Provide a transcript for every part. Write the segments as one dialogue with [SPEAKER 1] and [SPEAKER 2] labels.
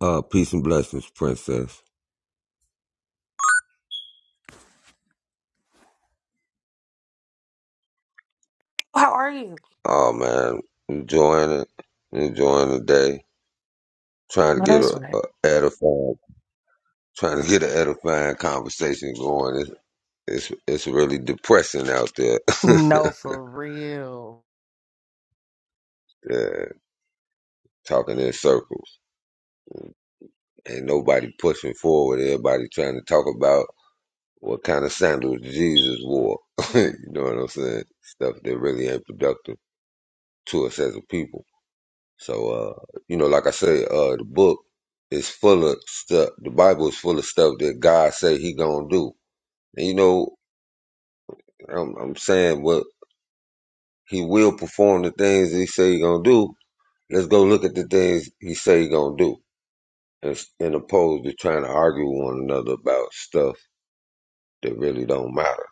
[SPEAKER 1] Uh, peace and blessings, princess.
[SPEAKER 2] How are you?
[SPEAKER 1] Oh man, enjoying it, enjoying the day, trying to
[SPEAKER 2] No,
[SPEAKER 1] get a,
[SPEAKER 2] that's
[SPEAKER 1] a
[SPEAKER 2] right.
[SPEAKER 1] edifying, trying to get an edifying conversation going. It's it's, it's really depressing out there.
[SPEAKER 2] No, for real.
[SPEAKER 1] yeah, talking in circles, ain't nobody pushing forward. Everybody trying to talk about what kind of sandals Jesus wore. you know what I'm saying? Stuff that really ain't productive to us as a people. So, uh, you know, like I say, uh, the book is full of stuff. The Bible is full of stuff that God say He gonna do. And you know, I'm, I'm saying what He will perform the things He say He gonna do. Let's go look at the things He say He gonna do, and, and opposed to trying to argue with one another about stuff that really don't matter.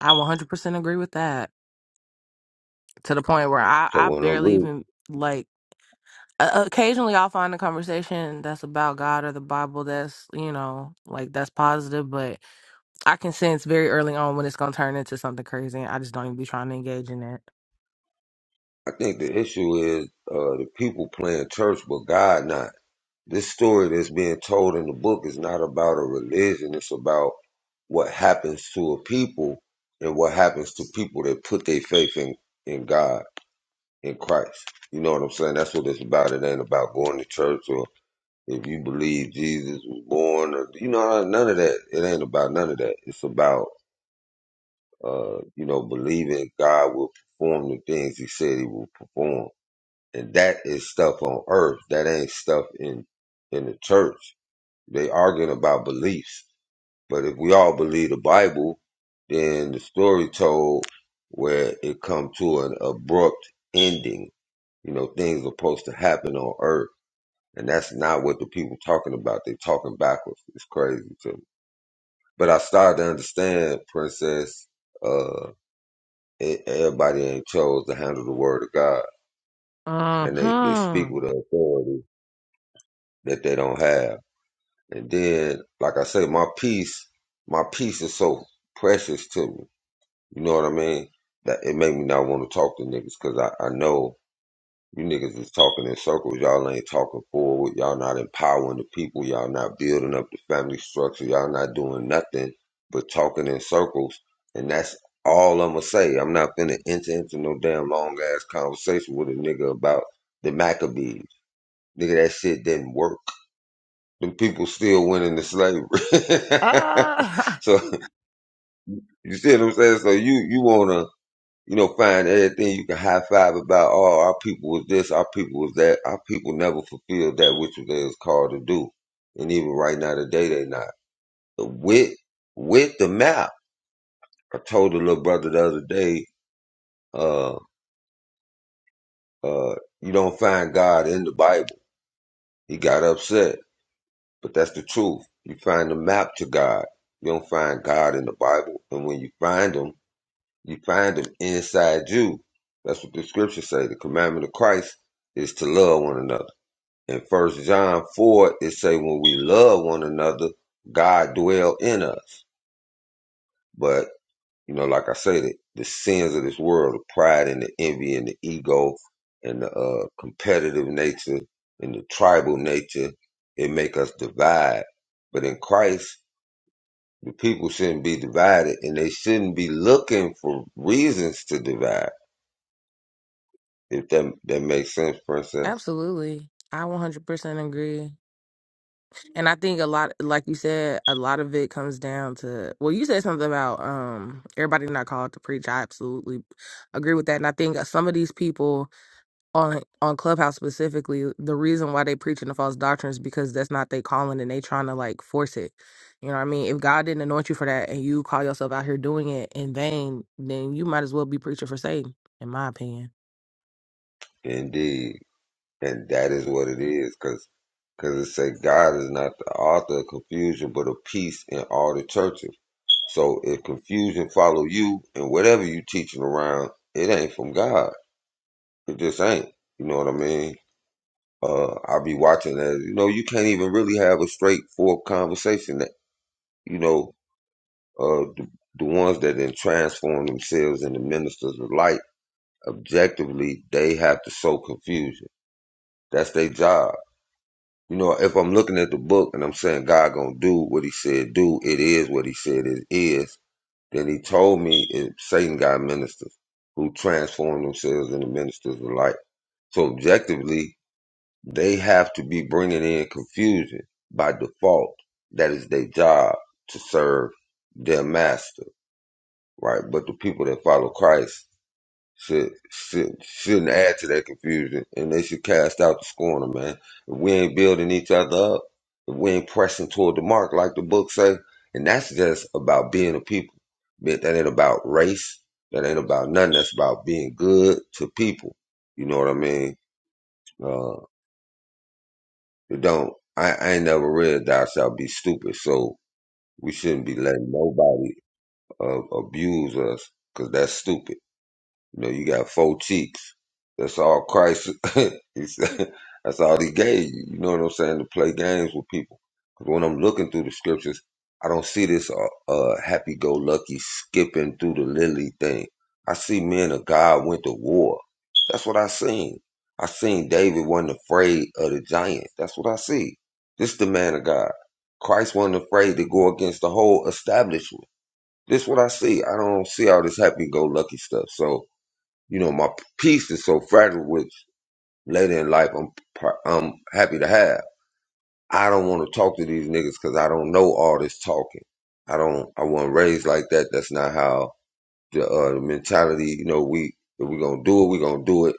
[SPEAKER 2] I 100% agree with that to the point where I,
[SPEAKER 1] So
[SPEAKER 2] I
[SPEAKER 1] when I'm
[SPEAKER 2] barely
[SPEAKER 1] reading,
[SPEAKER 2] even like. Uh, occasionally, I'll find a conversation that's about God or the Bible that's, you know, like that's positive, but I can sense very early on when it's going to turn into something crazy. And I just don't even be trying to engage in it.
[SPEAKER 1] I think the issue is uh, the people playing church, but God not. This story that's being told in the book is not about a religion. It's about what happens to a people and what happens to people that put their faith in, in God, in Christ. You know what I'm saying? That's what it's about. It ain't about going to church or if you believe Jesus was born or you know none of that. It ain't about none of that. It's about uh, you know, believing God will perform the things he said he will perform. And that is stuff on earth. That ain't stuff in in the church. They arguing about beliefs But if we all believe the Bible, then the story told where it come to an abrupt ending. You know, things are supposed to happen on earth. And that's not what the people talking about. They talking backwards. It's crazy to me. But I started to understand, Princess, uh, e- everybody ain't chose to handle the word of God.
[SPEAKER 2] Uh
[SPEAKER 1] And they, they speak
[SPEAKER 2] huh.
[SPEAKER 1] with an authority that they don't have. And then, like I say, my peace, my peace is so precious to me You know what I mean? That it made me not want to talk to niggas because I, I know you niggas is talking in circles. Y'all ain't talking forward. Y'all not empowering the people. Y'all not building up the family structure. Y'all not doing nothing but talking in circles. And that's all I'm gonna say. I'm not finna to enter into no damn long ass conversation with a nigga about the Maccabees. Nigga, that shit didn't work. Them people still went into slavery. so you see what I'm saying? So you you wanna you know, find everything you can high five about. Oh, our people was this, our people was that. Our people never fulfilled that which they was called to do. And even right now today, they not. With with the map, I told the little brother the other day, uh, uh, you don't find God in the Bible. He got upset, but that's the truth. You find the map to God. You don't find God in the Bible. And when you find him, you find him inside you. That's what the scriptures say. The commandment of Christ is to love one another. In First John four, it say when we love one another, God dwell in us. But you know, like I said, the, the sins of this world, the pride and the envy and the ego and the uh, competitive nature and the tribal nature, it make us divide. But in Christ, the people shouldn't be divided, and they shouldn't be looking for reasons to divide. If that that makes sense, princess.
[SPEAKER 2] absolutely. I 100% agree. And I think a lot, like you said, a lot of it comes down to well, you said something about um everybody not called to preach. I absolutely agree with that, and I think some of these people on on Clubhouse specifically, the reason why they preaching the false doctrine is because that's not their calling, and they trying to like force it. You know what I mean? If God didn't anoint you for that, and you call yourself out here doing it in vain, then you might as well be preaching for Satan, in my opinion.
[SPEAKER 1] Indeed. And that is what it is, because cause, cause it said God is not the author of confusion, but of peace in all the churches. So if confusion follow you and whatever you teaching around, it ain't from God. It just ain't. You know what I mean? Uh, I'll be watching that. You know, you can't even really have a straightforward conversation. That you know, uh, the, the ones that then transform themselves into ministers of light, objectively, they have to sow confusion. That's their job You know, if I'm looking at the book and I'm saying God gonna do what He said do, it is what He said it is. Then He told me it, Satan got ministers who transform themselves into ministers of light. So objectively, they have to be bringing in confusion by default. That is their job to serve their master, right? But the people that follow Christ should should shouldn't add to that confusion, and they should cast out the scorner, man. If we ain't building each other up, if we ain't pressing toward the mark, like the book say, and that's just about being a people. That that ain't about race. That ain't about nothing. That's about being good to people. You know what I mean? Uh, it don't. I, I ain't never read "Thou shalt be stupid," so we shouldn't be letting nobody uh, abuse us because that's stupid. You know, you got four cheeks. That's all Christ. he said, that's all he gave you. You know what I'm saying? To play games with people. 'Cause when I'm looking through the scriptures, I don't see this uh, uh, happy-go-lucky skipping through the lily thing. I see men of God went to war. That's what I seen. I seen David wasn't afraid of the giant. That's what I see. This the man of God. Christ wasn't afraid to go against the whole establishment. This what I see. I don't see all this happy-go-lucky stuff. So you know, my peace is so fragile, which later in life I'm par- I'm happy to have. I don't want to talk to these niggas because I don't know all this talking. I don't. I wasn't raised like that. That's not how the, uh, the mentality. You know, we if we're gonna do it, we're gonna do it.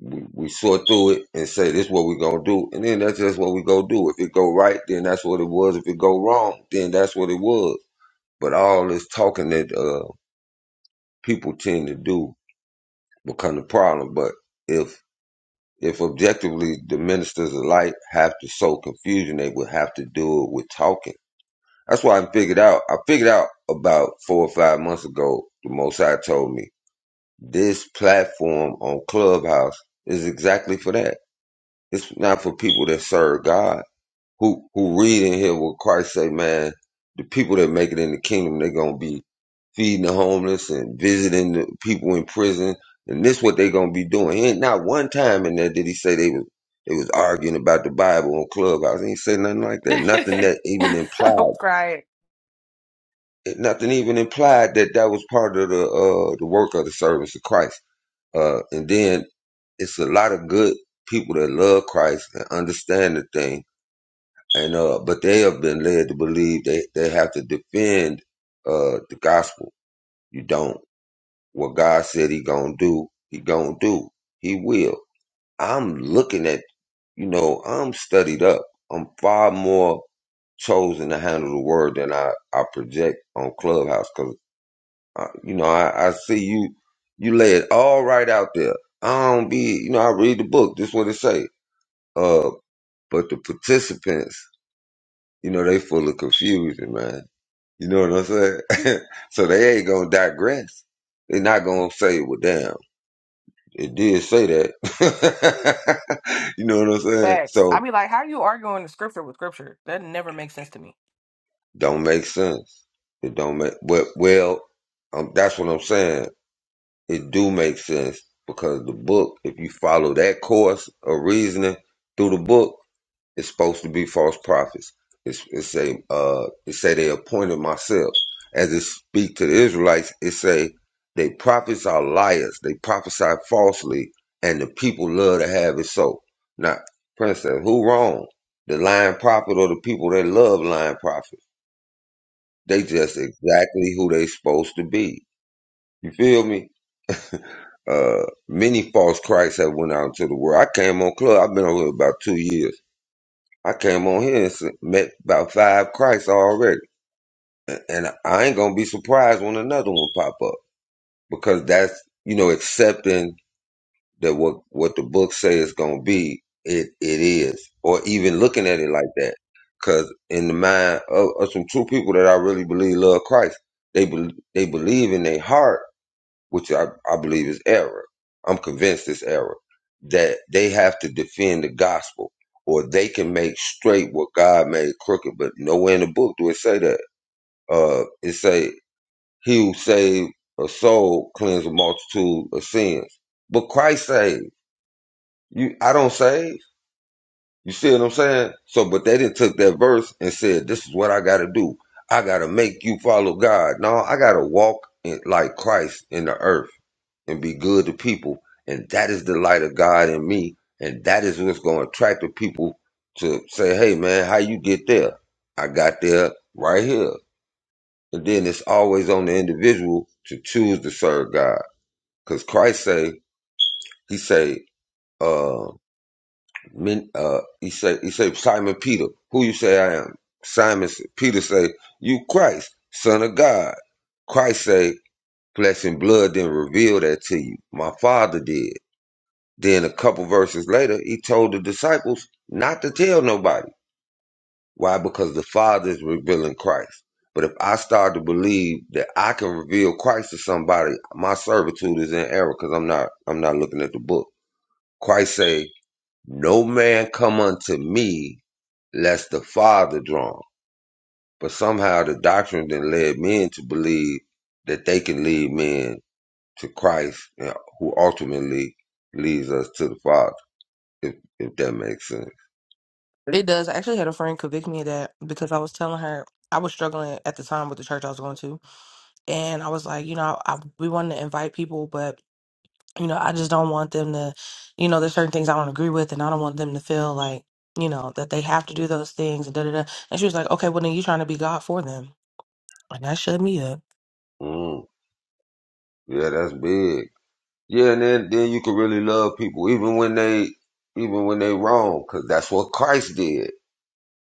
[SPEAKER 1] We, we sort through it and say this what we're gonna do, and then that's just what we go do. If it go right, then that's what it was. If it go wrong, then that's what it was. But all this talking that uh, people tend to do become the problem. But if If objectively the ministers of light have to sow confusion, they would have to do it with talking. That's why I figured out. I figured out about four or five months ago. The Most High told me this platform on Clubhouse is exactly for that. It's not for people that serve God. Who who read in here what Christ say, man? The people that make it in the kingdom, they're gonna be feeding the homeless and visiting the people in prison. And this what they gonna be doing. He ain't not one time in there did he say they was they was arguing about the Bible on Clubhouse. He ain't say nothing like that. Nothing that even
[SPEAKER 2] I'm
[SPEAKER 1] implied
[SPEAKER 2] crying.
[SPEAKER 1] nothing even implied that that was part of the uh the work of the service of Christ. Uh and then it's a lot of good people that love Christ and understand the thing. And uh but they have been led to believe they, they have to defend uh the gospel. You don't. What God said he gonna do, he gonna do. He will. I'm looking at, you know, I'm studied up. I'm far more chosen to handle the word than I, I project on Clubhouse because, uh, you know, I, I see you, you lay it all right out there. I don't be, you know, I read the book. This what it say. Uh, but the participants, you know, they full of confusion, man. You know what I'm saying? so they ain't gonna digress. They're not gonna say, well, damn. It did say that. you know what I'm saying?
[SPEAKER 2] Facts. I
[SPEAKER 1] So
[SPEAKER 2] be like, how are you arguing the scripture with scripture? That never makes sense to me.
[SPEAKER 1] don't make sense. It don't make well. well um, that's what I'm saying. It do make sense because the book, if you follow that course of reasoning through the book, It's supposed to be false prophets. It's, it say uh, it say they appointed myself. As it speak to the Israelites, it say they prophets are liars. They prophesy falsely, and the people love to have it so. Now, princess, who wrong? The lying prophet or the people that love lying prophets? They just exactly who they supposed to be. You feel me? Uh, many false Christs have went out into the world. I came on club. I've been on here about two years. I came on here and s- met about five Christs already, A- and I ain't gonna be surprised when another one pop up because that's you know accepting that what what the book say is gonna be it it is, or even looking at it like that. Because in the mind of, of some true people that I really believe love Christ, they bel they believe in their heart which I, I believe is error. I'm convinced it's error that they have to defend the gospel or they can make straight what God made crooked. But nowhere in the book do it say that. Uh, it say he who saved a soul cleanse a multitude of sins. But Christ saved you. I don't save. You see what I'm saying? So, but they didn't took that verse and said, "This is what I got to do. I got to make you follow God." No, I got to walk in, like Christ in the earth and be good to people. And that is the light of God in me. And that is what's going to attract the people to say, hey, man, how you get there? I got there right here. And then it's always on the individual to choose to serve God. Because Christ say, he say, uh, men, uh, he say, he say, Simon Peter, who you say I am? Simon Peter say, you Christ, son of God. Christ say, flesh and blood didn't reveal that to you. My father did. Then a couple verses later, he told the disciples not to tell nobody. Why? Because the Father is revealing Christ. But if I start to believe that I can reveal Christ to somebody, my servitude is in error because I'm not I'm not looking at the book. Christ say, No man come unto me lest the Father draw him. But somehow the doctrine then led men to believe that they can lead men to Christ, you know, who ultimately leads us to the Father, if, if that makes sense.
[SPEAKER 2] It does. I actually had a friend convict me of that because I was telling her I was struggling at the time with the church I was going to. And I was like, you know, I, we wanted to invite people, but, you know, I just don't want them to, you know, there's certain things I don't agree with and I don't want them to feel like, you know, that they have to do those things and da da da. And she was like, okay, well, then you trying to be God for them. And that shut me up.
[SPEAKER 1] Mm, yeah, that's big. Yeah, and then then you can really love people even when they even when they wrong, cause that's what Christ did.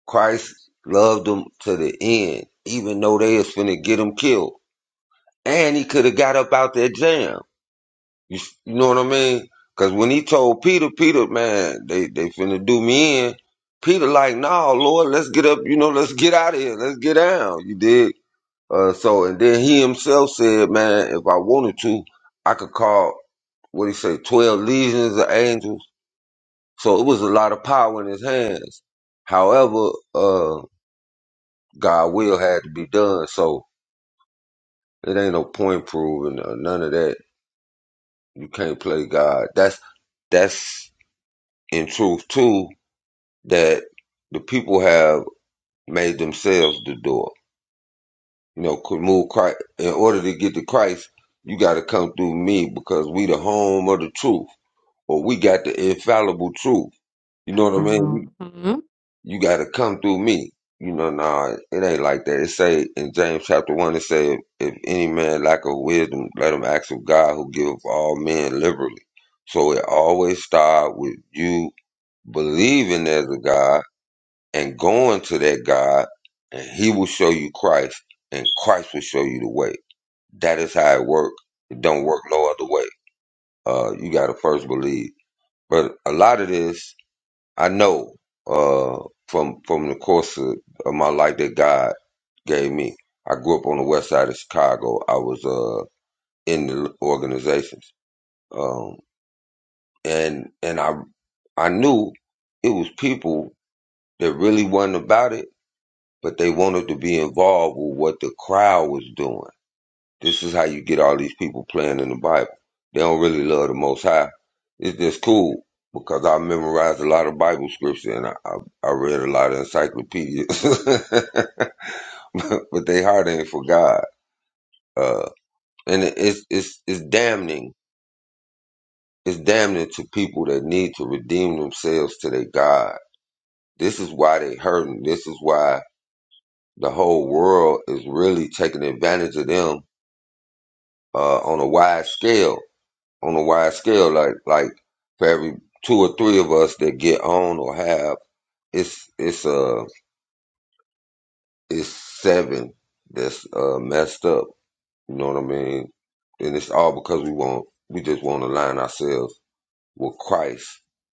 [SPEAKER 1] Christ loved them to the end, even though they was finna get him killed, and he could have got up out that jam. You s- you know what I mean? Cause when he told Peter, Peter, man, they they finna do me in. Peter like, nah, Lord, let's get up. You know, let's get out of here. Let's get down. You dig? Uh, so and then he himself said, man, if I wanted to, I could call. what do you say, 12 legions of angels. So it was a lot of power in his hands. However, uh, God will had to be done. So it ain't no point proving or none of that. You can't play God. That's, that's in truth too, that the people have made themselves the door. You know, could move Christ. In order to get to Christ, you got to come through me because we the home of the truth or we got the infallible truth. You know what I mean?
[SPEAKER 2] Mhm.
[SPEAKER 1] you got to come through me. You know, nah, it ain't like that. It say in James chapter one, it say, if any man lack of wisdom, let him ask of God, who giveth all men liberally. So it always start with you believing there's a God and going to that God, and He will show you Christ, and Christ will show you the way. That is how it work. It don't work no other way. Uh, you got to first believe. But a lot of this I know uh, from from the course of, of my life that God gave me. I grew up on the west side of Chicago. I was uh, in the organizations, um, and and I I knew it was people that really wasn't about it, but they wanted to be involved with what the crowd was doing. This is how you get all these people playing in the Bible. They don't really love the Most High. It's just cool because I memorized a lot of Bible scripture and I, I, I read a lot of encyclopedias, but but they heart ain't for God. Uh, and it, it's it's it's damning. It's damning to people that need to redeem themselves to their God. This is why they hurting. This is why the whole world is really taking advantage of them uh, on a wide scale on a wide scale. Like like for every two or three of us that get on or have, it's it's uh it's seven that's uh messed up. You know what I mean? And it's all because we want we just want to align ourselves with Christ,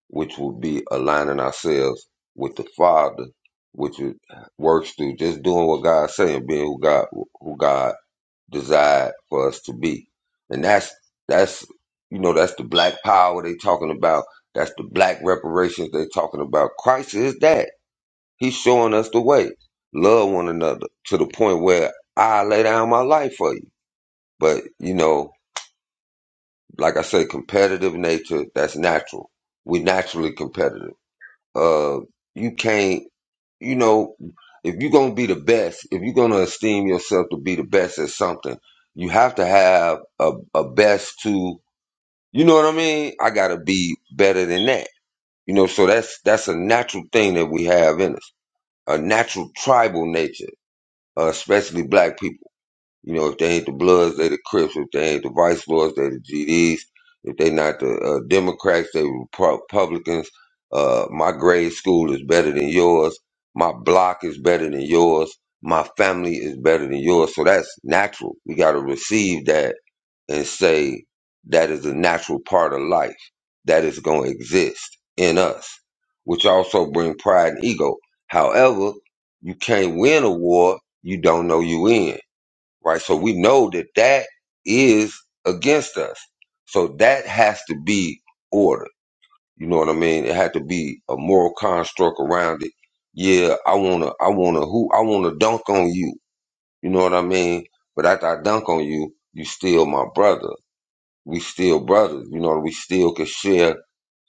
[SPEAKER 1] which would be aligning ourselves with the Father, which is, works through just doing what God's saying, being who God who God desired for us to be. And that's that's you know that's the black power they talking about. That's the black reparations they talking about. Christ is that. He's showing us the way. Love one another to the point where I lay down my life for you. But you know, like I say, competitive nature that's natural. We naturally competitive. Uh, you can't you know, if you're gonna be the best, if you're gonna esteem yourself to be the best at something, you have to have a, a best to, you know what I mean? I gotta be better than that, you know. So that's that's a natural thing that we have in us, a natural tribal nature, uh, especially black people. You know, if they ain't the Bloods, they the Crips. If they ain't the Vice Lords, they the GDs. If they not the uh, Democrats, they Repu- Republicans. Uh, my grade school is better than yours. My block is better than yours. My family is better than yours. So that's natural. We got to receive that and say that is a natural part of life that is going to exist in us, which also bring pride and ego. However, you can't win a war you don't know you in right? So we know that that is against us. So that has to be ordered. You know what I mean? It had to be a moral construct around it. Yeah, I wanna, I wanna, who, I wanna dunk on you. You know what I mean? But after I dunk on you, you still my brother. We still brothers. You know, we still can share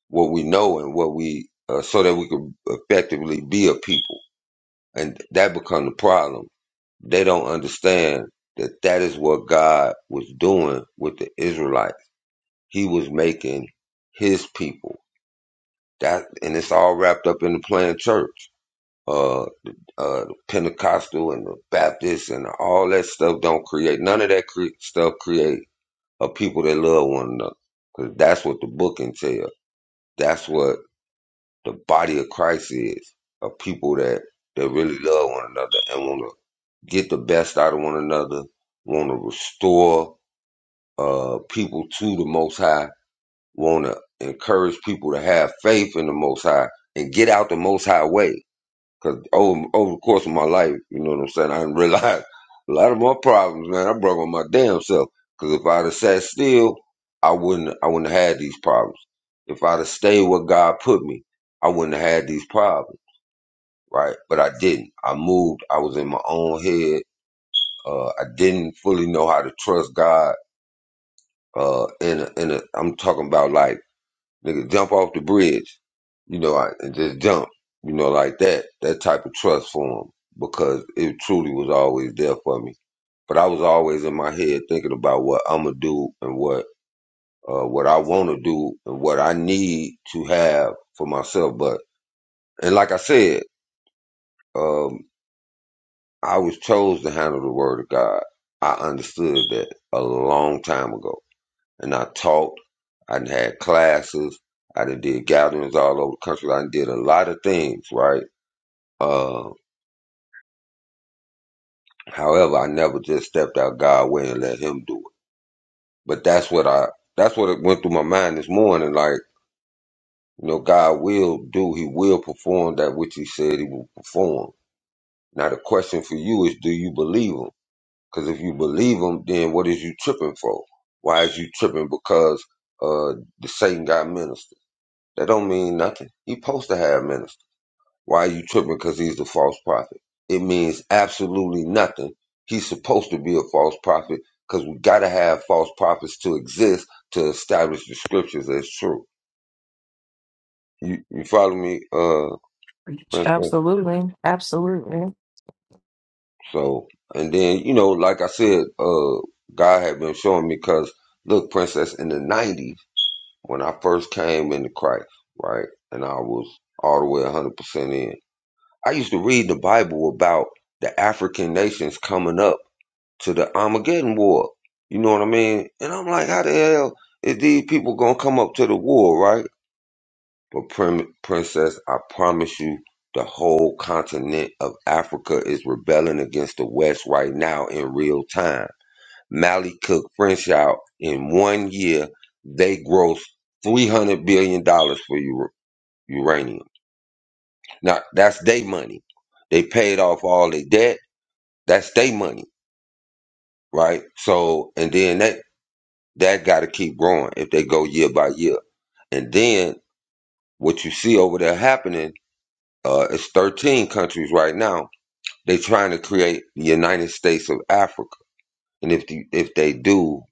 [SPEAKER 1] what we know and what we, uh, so that we can effectively be a people. And that become the problem they don't understand that that is what God was doing with the Israelites. He was making his people. That and it's all wrapped up in the planned church. Uh, uh, the Pentecostal and the Baptist and all that stuff don't create none of that cre- stuff. Create a people that love one another because that's what the book entails. That's what the body of Christ is: a people that that really love one another and want get the best out of one another, want to restore uh, people to the Most High, want to encourage people to have faith in the Most High and get out the Most High way. Because over, over the course of my life, you know what I'm saying, I didn't realize a lot of my problems, man, I brought on my damn self. Because if I'd have sat still, I wouldn't, I wouldn't have had these problems. If I'd have stayed where God put me, I wouldn't have had these problems, right? But I didn't. I moved. I was in my own head uh, I didn't fully know how to trust God. Uh, in a, in a, I'm talking about like nigga jump off the bridge, you know, I, and just jump, you know, like that. That type of trust for him because it truly was always there for me. But I was always in my head thinking about what I'm gonna do and what uh, what I want to do and what I need to have for myself. But and like I said, um, I was chose to handle the word of God. I understood that a long time ago and I taught. I done had classes. I done did gatherings all over the country. I done did a lot of things, right? Uh, however, I never just stepped out God's way and let Him do it. But that's what I, that's what it went through my mind this morning. Like, you know, God will do, He will perform that which He said He will perform. Now, the question for you is, do you believe Him? Because if you believe Him, then what is you tripping for? Why is you tripping because, uh, the Satan got ministers? That don't mean nothing. He supposed to have ministers. Why are you tripping? Because he's the false prophet. It means absolutely nothing. He's supposed to be a false prophet because we got to have false prophets to exist to establish the scriptures as true. You you follow me, uh, Princess?
[SPEAKER 2] Absolutely. Absolutely.
[SPEAKER 1] So and then you know, like I said, uh, God had been showing me because look, Princess, in the '90s when I first came into Christ, right, and I was all the way 100% in. I used to read the Bible about the African nations coming up to the Armageddon war. You know what I mean? And I'm like, how the hell is these people gonna come up to the war, right? But prim- princess, I promise you, the whole continent of Africa is rebelling against the West right now in real time. Mali Cook French out in one year, they grossed three hundred billion dollars for ur- uranium. Now that's their money. They paid off all their debt. That's their money, right? So, and then that That got to keep growing if they go year by year. And then what you see over there happening uh, is 13 countries right now. They trying to create the United States of Africa, and if the, if they do,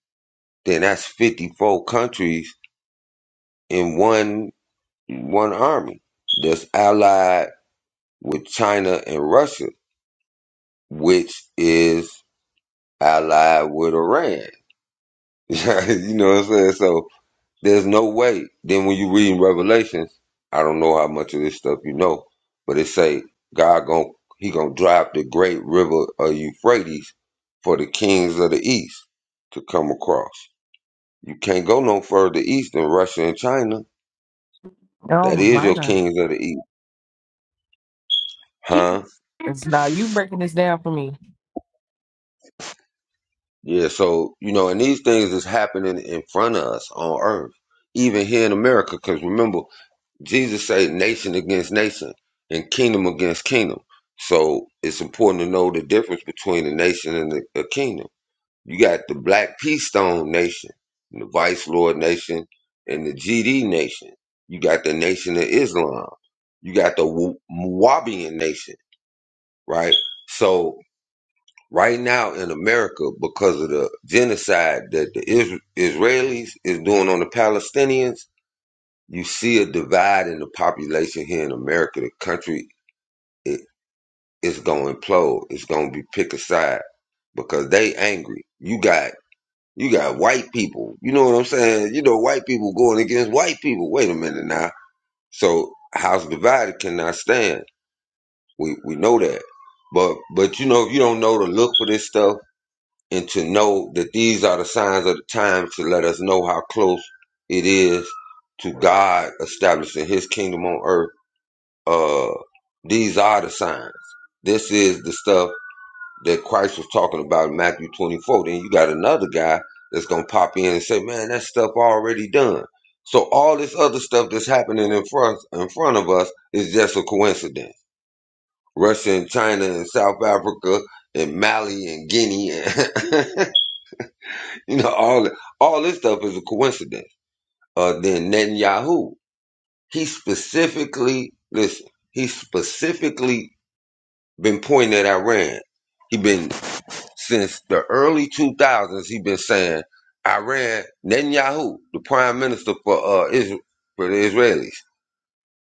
[SPEAKER 1] then that's 54 countries in one one army that's allied with China and Russia, which is allied with Iran. you know what I'm saying? So There's no way. Then when you read Revelations, I don't know how much of this stuff you know, but it say God gon' he gonna drive the great river of Euphrates for the kings of the east to come across. You can't go no further east than Russia and China.
[SPEAKER 2] Oh
[SPEAKER 1] That is
[SPEAKER 2] my
[SPEAKER 1] your
[SPEAKER 2] God.
[SPEAKER 1] kings of the east, huh?
[SPEAKER 2] It's now you breaking this down for me.
[SPEAKER 1] Yeah. So you know, and these things is happening in front of us on Earth, even here in America. Because remember, Jesus said, nation against nation and kingdom against kingdom. So it's important to know the difference between a nation and a, a kingdom. You got the Black Keystone Nation, and the Vice Lord Nation, and the GD Nation. You got the Nation of Islam. You got the Wa- Wahabian Nation, right? So right now in America, because of the genocide that the Isra- Israelis is doing on the Palestinians, you see a divide in the population here in America. The country it, it's gonna implode. It's gonna be pick a side because they angry. You got you got white people. You know what I'm saying? You know white people going against white people. Wait a minute now. So house divided cannot stand. We we know that. But but you know if you don't know to look for this stuff and to know that these are the signs of the times to let us know how close it is to God establishing His kingdom on earth uh these are the signs. This is the stuff that Christ was talking about in Matthew 24. Then you got another guy that's gonna pop in and say, Man, that stuff already done. So all this other stuff that's happening in front in front of us is just a coincidence. Russia and China and South Africa and Mali and Guinea and you know, all all this stuff is a coincidence. Uh then Netanyahu, he specifically listen, he specifically been pointing at Iran. He been since the early 2000s. He been saying Iran Netanyahu, the prime minister for uh Israel, for the Israelis.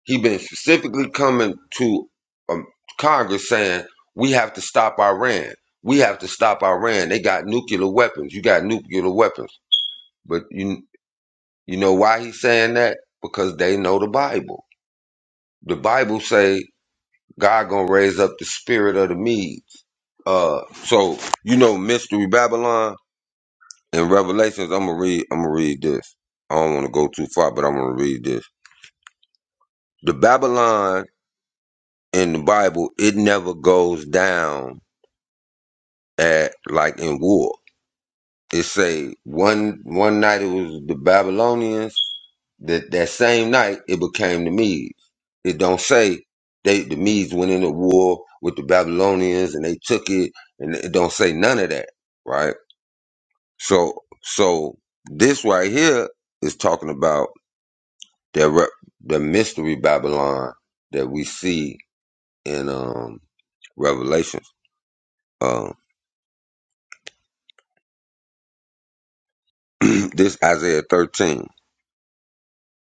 [SPEAKER 1] He been specifically coming to um, Congress saying we have to stop Iran. We have to stop Iran. They got nuclear weapons. You got nuclear weapons. But you you know why he's saying that? Because they know the Bible. The Bible say God gonna raise up the spirit of the Medes. Uh, so you know, Mystery Babylon and Revelations. I'm gonna read. I'm gonna read this. I don't want to go too far, but I'm gonna read this. The Babylon in the Bible, it never goes down at like in war. It say one one night it was the Babylonians. That that same night it became the Medes. It don't say they the Medes went into war with the Babylonians and they took it, and it don't say none of that, right? So so this right here is talking about the re- the mystery Babylon that we see in um Revelation. Um, this Isaiah thirteen.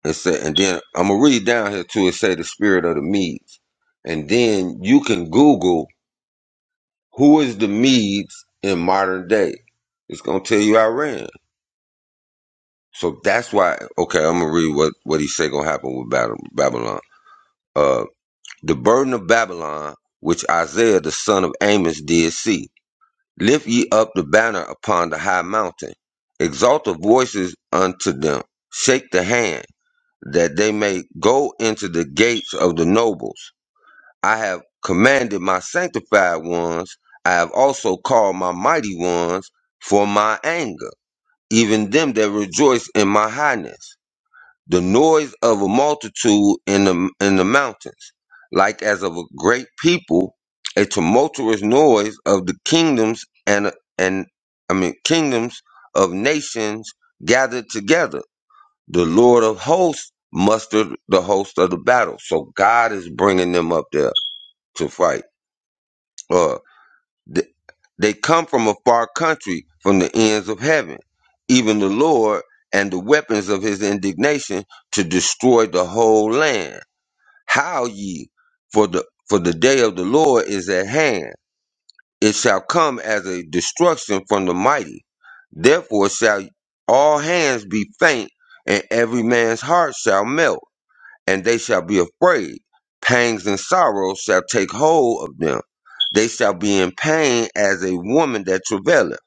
[SPEAKER 1] It said, and then I'm gonna read down here too. It say the spirit of the Medes, and then you can Google who is the Medes in modern day. It's gonna tell you Iran. So that's why. Okay, I'm gonna read what what he say gonna happen with Bab- Babylon. Uh, the burden of Babylon, which Isaiah the son of Amos did see. Lift ye up the banner upon the high mountain. Exalt the voices unto them. Shake the hand that they may go into the gates of the nobles I have commanded my sanctified ones, I have also called my mighty ones for my anger, even them that rejoice in my highness. The noise of a multitude in the in the mountains, like as of a great people, a tumultuous noise of the kingdoms and and I mean kingdoms of nations gathered together. The Lord of hosts mustered the host of the battle. So God is bringing them up there to fight. Uh, th- they come from a far country, from the ends of heaven, even the Lord and the weapons of his indignation to destroy the whole land. How ye, for the for the day of the Lord is at hand. It shall come as a destruction from the mighty. Therefore shall all hands be faint, and every man's heart shall melt and they shall be afraid. Pangs and sorrows shall take hold of them. They shall be in pain as a woman that travaileth.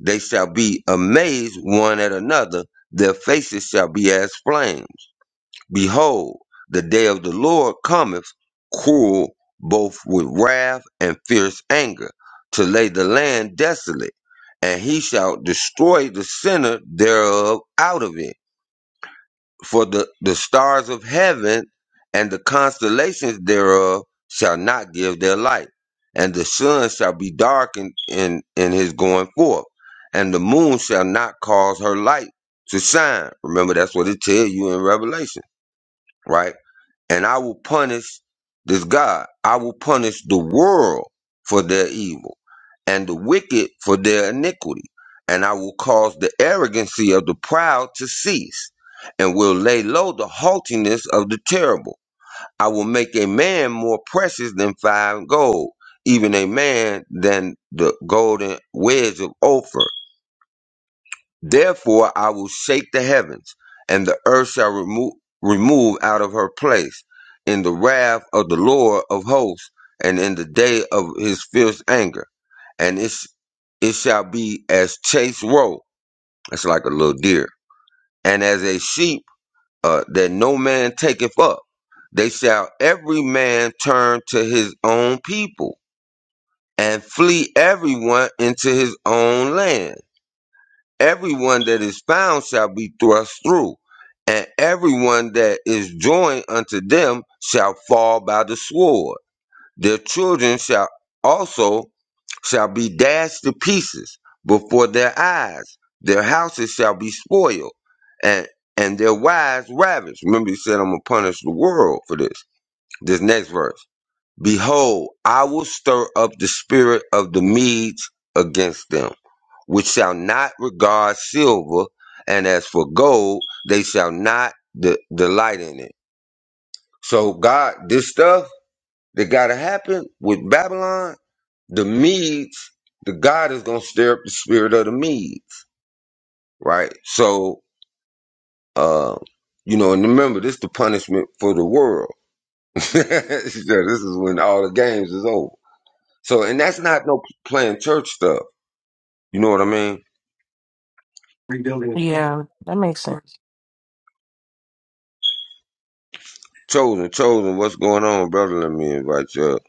[SPEAKER 1] They shall be amazed one at another. Their faces shall be as flames. Behold, the day of the Lord cometh, cruel both with wrath and fierce anger, to lay the land desolate, and he shall destroy the sinner thereof out of it for the, the stars of heaven and the constellations thereof shall not give their light, and the sun shall be darkened in, in his going forth, and the moon shall not cause her light to shine. Remember, that's what it tells you in Revelation, right? and I will punish this God. I will punish the world for their evil and the wicked for their iniquity. And I will cause the arrogancy of the proud to cease and will lay low the haughtiness of the terrible. I will make a man more precious than fine gold, even a man than the golden wedge of Ophir. Therefore I will shake the heavens, and the earth shall remove, remove out of her place in the wrath of the Lord of hosts, and in the day of his fierce anger. And it, sh- it shall be as chase roe, that's like a little deer, and as a sheep uh, that no man taketh up. They shall every man turn to his own people, and flee everyone into his own land everyone that is found shall be thrust through, and everyone that is joined unto them shall fall by the sword. Their children shall also shall be dashed to pieces before their eyes. Their houses shall be spoiled, and and their wives ravished. Remember, he said, "I'm gonna punish the world for this." This next verse. Behold, I will stir up the spirit of the Medes against them, which shall not regard silver, and as for gold, they shall not de- delight in it. So, God, this stuff that got to happen with Babylon, the Medes, the God is going to stir up the spirit of the Medes, right? So, uh, you know, and remember, this is the punishment for the world. so this is when all the games is over. So, and that's not no playing church stuff. You know what I mean?
[SPEAKER 2] Rebuilding. it. Yeah, that makes sense.
[SPEAKER 1] Chosen, chosen. What's going on, brother? Let me invite you up.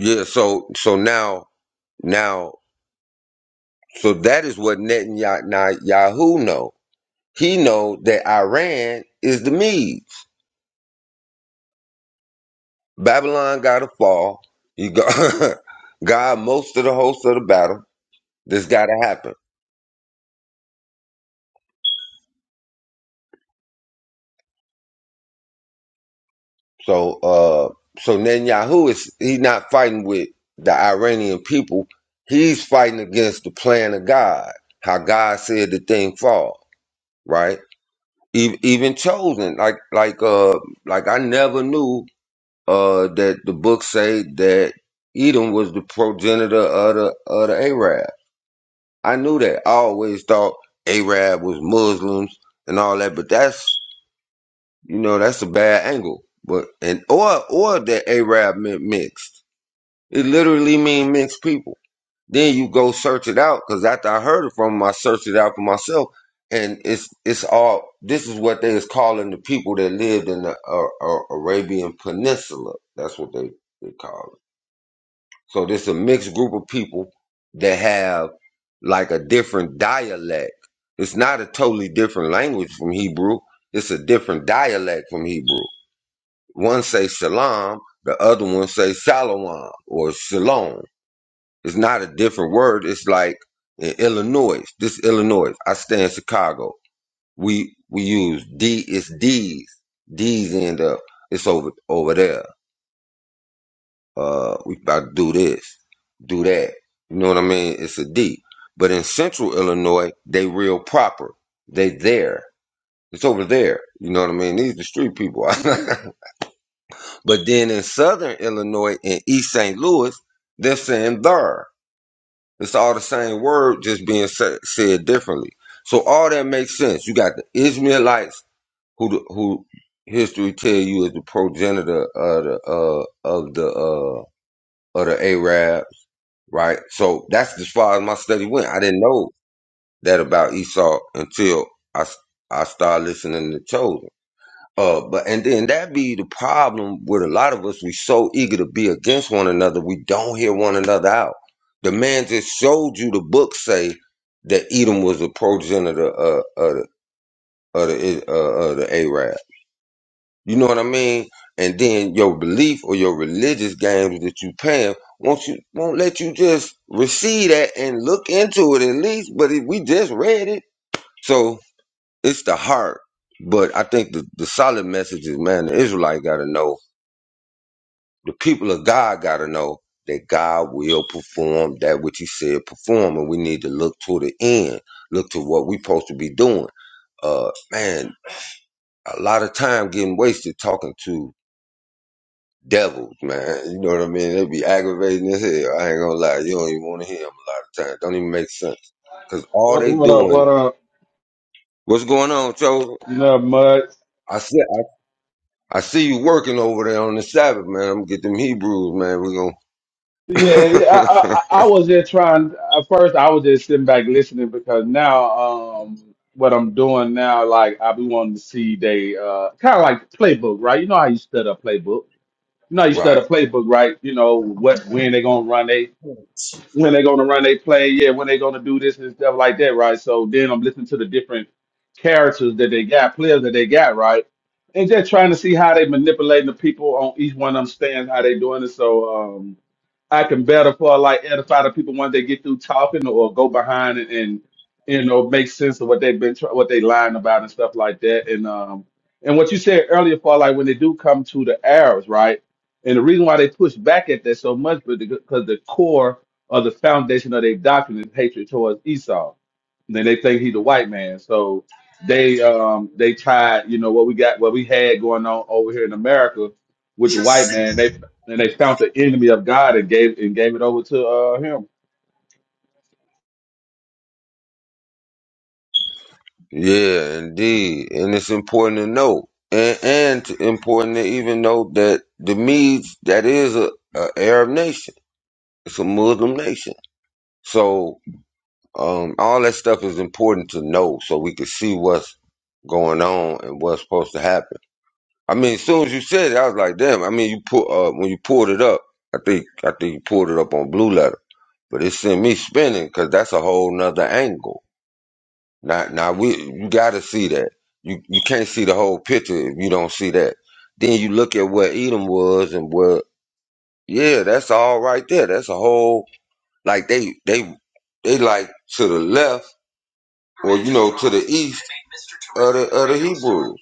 [SPEAKER 1] Yeah. So, so now, now, so that is what Netanyahu know. He know that Iran is the Medes. Babylon got to fall. You got God most of the host of the battle. This got to happen. So uh so Netanyahu is he's not fighting with the Iranian people. He's fighting against the plan of God. How God said the thing fall, right? Even, even chosen, like like uh like I never knew uh that the book say that Edom was the progenitor of the of the Arab. I knew that. I always thought Arab was Muslims and all that, but that's you know, that's a bad angle. But and or or that Arab meant mixed. It literally mean mixed people. Then you go search it out because after I heard it from him, I searched it out for myself, and it's it's all this is what they is calling the people that lived in the uh, uh, Arabian Peninsula. That's what they they call it. So this a mixed group of people that have like a different dialect. It's not a totally different language from Hebrew. It's a different dialect from Hebrew one say shalom, the other one say shalom or shalom. It's not a different word. It's like in Illinois. This Illinois. I stay in Chicago. We we use D. It's D's. D's end up. It's over over there. Uh, we about to do this, do that. You know what I mean? It's a D. But in Central Illinois, they real proper. They there. It's over there. You know what I mean? These are the street people. But then in southern Illinois and East St. Louis, they're saying there. It's all the same word, just being sa- said differently. So all that makes sense. You got the Israelites, who the, who history tell you is the progenitor of the uh, of the uh, of the Arabs, right? So that's as far as my study went. I didn't know that about Esau until I s- I started listening to Chosen. Uh, but and then that be the problem with a lot of us. We so eager to be against one another, we don't hear one another out. The man just showed you the book say that Edom was a progenitor of, of, the- of the uh, of the Arab. You know what I mean? And then your belief or your religious games that you paying won't you won't let you just receive that and look into it at least. But it, we just read it, so it's the heart. But I think the, the solid message is man, the Israelite got to know the people of God got to know that God will perform that which He said perform, and we need to look to the end, look to what we're supposed to be doing. Uh, man, a lot of time getting wasted talking to devils, man. You know what I mean? They be aggravating as hell. I ain't gonna lie, you don't even want to hear them a lot of times. Don't even make sense because all
[SPEAKER 3] What,
[SPEAKER 1] they
[SPEAKER 3] what up?
[SPEAKER 1] doing,
[SPEAKER 3] What up?
[SPEAKER 1] what's going on, Joe?
[SPEAKER 3] No much.
[SPEAKER 1] I see, I see you working over there on the Sabbath, man. I'm gonna get them Hebrews, man. We gonna
[SPEAKER 3] Yeah, yeah, I, I I I was just trying. At first, I was just sitting back listening because now, um, what I'm doing now, like I be wanting to see they uh kind of like the playbook, right? You know how you study a playbook. You know how you
[SPEAKER 1] right.
[SPEAKER 3] study a playbook, right? You know what when they gonna run they when they're gonna run they play, yeah, when they're gonna do this and stuff like that, right? So then I'm listening to the different characters that they got, players that they got, right? And just trying to see how they manipulating the people on each one of them stands, how they doing it. So um, I can better for like edify the people once they get through talking or go behind and, and you know make sense of what they've been try- what they lying about and stuff like that. And um and what you said earlier for like when they do come to the Arabs, right? And the reason why they push back at that so much, but because the core or the foundation of their doctrine is hatred towards Esau. And then they think he's the white man, so they um they tied you know what we got what we had going on over here in America with the white man and they found the enemy of God and gave and gave it over to uh, him.
[SPEAKER 1] Yeah, indeed, and it's important to know, and and to- important to even know that the Medes that is a, a Arab nation, it's a Muslim nation. So um, all that stuff is important to know, so we can see what's going on and what's supposed to happen. I mean, as soon as you said it, I was like, damn. I mean, you put uh, when you pulled it up, I think I think you pulled it up on Blue Letter, but it sent me spinning because that's a whole nother angle Now, now we you got to see that. You you can't see the whole picture if you don't see that. Then you look at where Edom was and where yeah, that's all right there. That's a whole like they they they like to the left or you know to the east of the of the Hebrews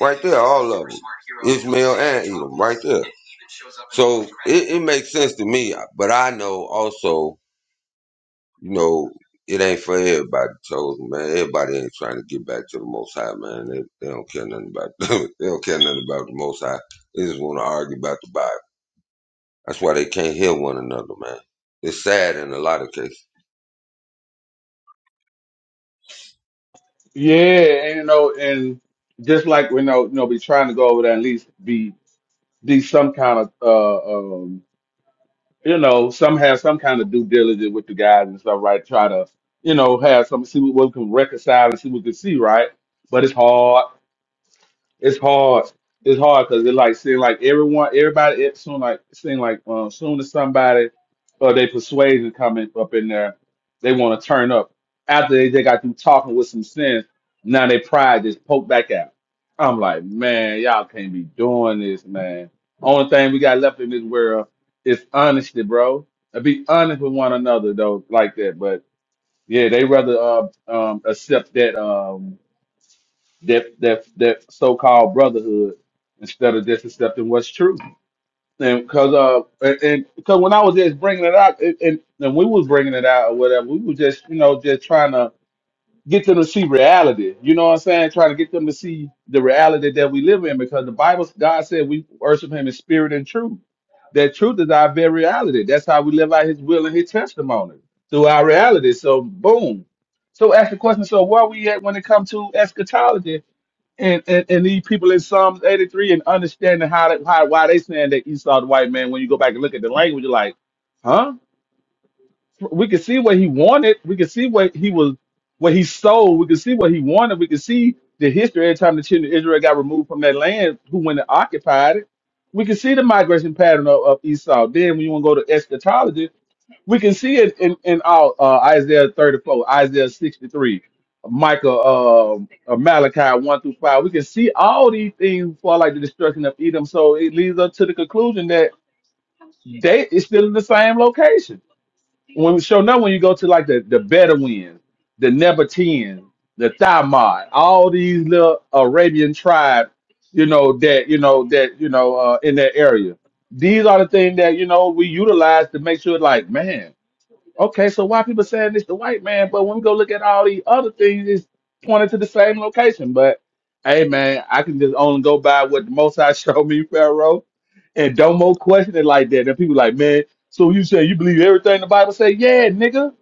[SPEAKER 1] right there, all of them, Ishmael and Edom right there. So it, it makes sense to me, but I know also. you know, it ain't for everybody, chosen man. Everybody ain't trying to get back to the Most High, man. They, they don't care nothing about they don't care nothing about the Most High. They just want to argue about the Bible. That's why they can't hear one another, man. It's sad in a lot of cases.
[SPEAKER 3] Yeah, and you know, and just like we know, you know, be trying to go over there and at least be be some kind of uh, um, you know, some have some kind of due diligence with the guys and stuff, right? Try to you know have some see what we can reconcile and see what we can see, right? But it's hard it's hard. It's hard because it like seem like everyone, everybody, it soon like seem like uh, soon as somebody or they persuasion coming up in there, they want to turn up. After they, they got through talking with some sense, now they pride just poke back out. I'm like, man, y'all can't be doing this, man. Only thing we got left in this world is honesty, bro. And be honest with one another though, like that. But yeah, they rather uh, um accept that um, that that that so-called brotherhood instead of just accepting what's true. And because uh and and- because when I was just bringing it out and, and and we was bringing it out or whatever, we were just you know just trying to get them to see reality. You know what I'm saying? Trying to get them to see the reality that we live in because the Bible God said we worship Him in spirit and truth. That truth is our very reality. That's how we live out His will and His testimony through our reality. So boom. So ask the question. So where are we at when it comes to eschatology? and, and, and these people in Psalms 83 and understanding how, that, how why they saying that Esau the white man when you go back and look at the language you're like huh we can see what he wanted we can see what he was what he sold we can see what he wanted we can see the history every time the children of Israel got removed from that land who went and occupied it we can see the migration pattern of, of Esau then when you want to go to eschatology we can see it in in all uh, Isaiah 34, Isaiah 63, Micah, um, uh, Malachi 1 through 5. We can see all these things for like the destruction of Edom. So it leads us to the conclusion that they is still in the same location. When we show now when you go to like the the Bedouins, the Nebateans, the Thamad, all these little Arabian tribes, you know that you know that you know uh, in that area. These are the things that you know we utilize to make sure, like man Okay, so why people saying it's the white man, but when we go look at all these other things, it's pointed to the same location. But hey man, I can just only go by what the most I showed me, Pharaoh. And don't more question it like that. And people like, man, so you say you believe everything the Bible say? Yeah, nigga.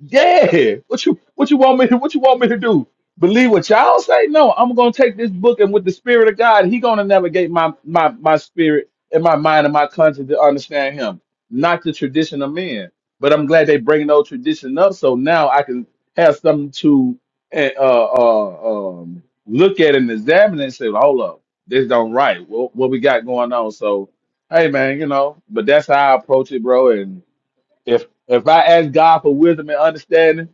[SPEAKER 3] Yeah. What you what you want me to what you want me to do? Believe what y'all say? No, I'm gonna take this book and with the spirit of God, he gonna navigate my my my spirit and my mind and my conscience to understand him, not the tradition of men. But I'm glad they bringing those tradition up, so now I can have something to eh, uh, uh, um, look at and examine and say, hold up, this don't right. What, what we got going on? So, hey man, you know. But that's how I approach it, bro. If if I ask God for wisdom and understanding,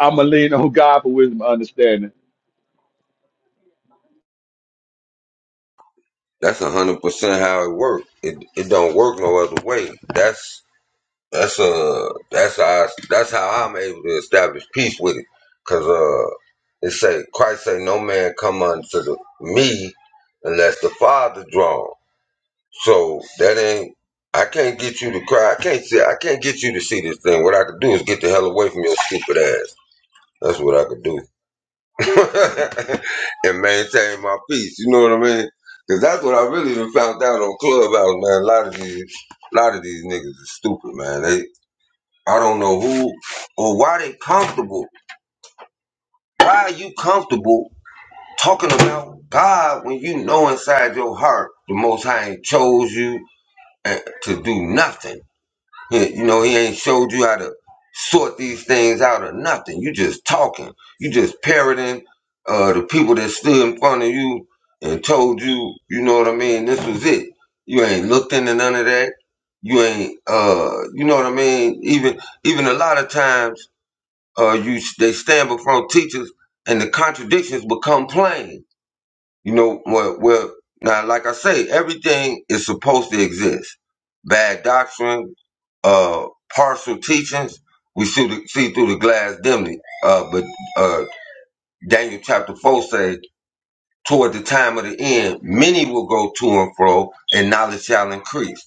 [SPEAKER 3] I'm gonna lean on God for wisdom and understanding.
[SPEAKER 1] That's a hundred percent how it works. It it don't work no other way. That's that's uh that's how I, that's how I'm able to establish peace with it. Cause uh it say Christ say no man come unto the, me unless the Father draw. 'em." So that ain't. I can't get you to cry. I can't see. I can't get you to see this thing. What I could do is get the hell away from your stupid ass. That's what I could do, and maintain my peace. You know what I mean? Because that's what I really even found out on Clubhouse, man. A lot of these, a lot of these niggas are stupid, man. They, I don't know who or why they comfortable. Why are you comfortable talking about God when you know inside your heart the Most High ain't chose you eh, to do nothing? He, you know, he ain't showed you how to sort these things out or nothing. You just talking. You just parroting uh, the people that stood in front of you and told you, you know what I mean, this was it. You ain't looked into none of that. You ain't, uh, you know what I mean? Even even a lot of times uh, you they stand before teachers and the contradictions become plain you know what? Well, now, like I say, everything is supposed to exist. Bad doctrine, uh, partial teachings. We see, the, see through the glass dimly. Uh, but uh, Daniel chapter four says, toward the time of the end, many will go to and fro, and knowledge shall increase.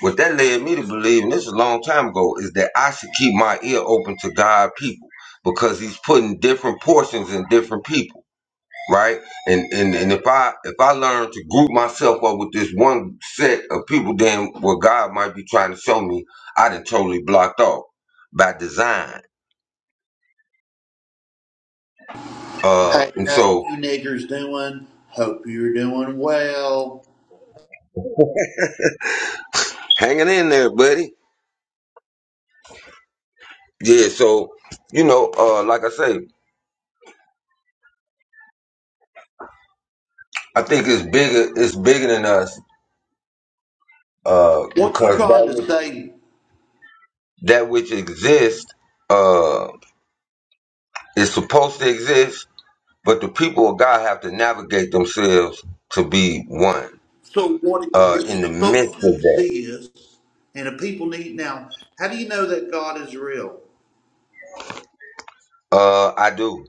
[SPEAKER 1] What that led me to believe, and this is a long time ago, is that I should keep my ear open to God people because He's putting different portions in different people right? And and and if I if I learn to group myself up with this one set of people, then what God might be trying to show me, I done totally blocked off by design. Uh,
[SPEAKER 4] Hey,
[SPEAKER 1] and
[SPEAKER 4] how
[SPEAKER 1] so
[SPEAKER 4] you niggers doing? Hope you're doing well.
[SPEAKER 1] hanging in there, buddy. Yeah. So you know, uh, like I say, I think it's bigger. It's bigger than us. Uh,
[SPEAKER 4] What you
[SPEAKER 1] because that
[SPEAKER 4] trying to
[SPEAKER 1] which-
[SPEAKER 4] say?
[SPEAKER 1] that which exists, uh, is supposed to exist, but the people of God have to navigate themselves to be one
[SPEAKER 4] So what
[SPEAKER 1] uh, in the
[SPEAKER 4] exists, supposed to
[SPEAKER 1] midst of that.
[SPEAKER 4] exist, and the people need now. How do you know that God is real?
[SPEAKER 1] Uh, I do.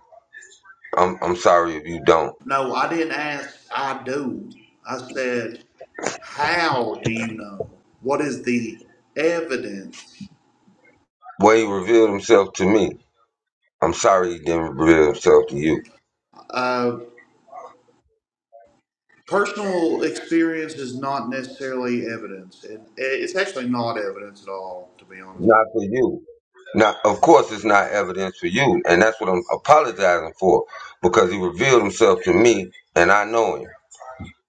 [SPEAKER 1] I'm, I'm sorry if you don't.
[SPEAKER 4] No, I didn't ask. I do. I said, how do you know? What is the evidence?
[SPEAKER 1] Well, he revealed himself to me. I'm sorry he didn't reveal himself to you.
[SPEAKER 4] Uh, personal experience is not necessarily evidence, and it's actually not evidence at all, to be honest.
[SPEAKER 1] Not for you. Now, of course, it's not evidence for you, and that's what I'm apologizing for, because he revealed himself to me, and I know him.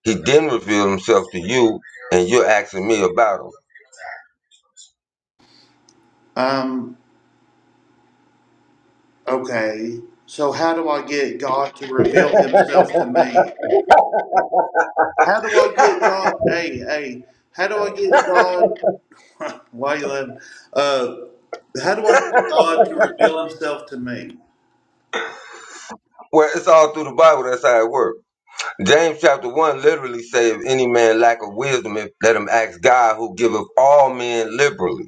[SPEAKER 1] He didn't reveal himself to you, and you're asking me about him.
[SPEAKER 4] Um, Okay, so how do I get God to reveal Himself to me? How do I get God? Hey, hey, how do I get God? Why you laughing? Uh, how do I get God to reveal Himself to me?
[SPEAKER 1] Well, it's all through the Bible. That's how it works. James chapter one literally says, "If any man lack of wisdom, if- let him ask God, who giveth all men liberally."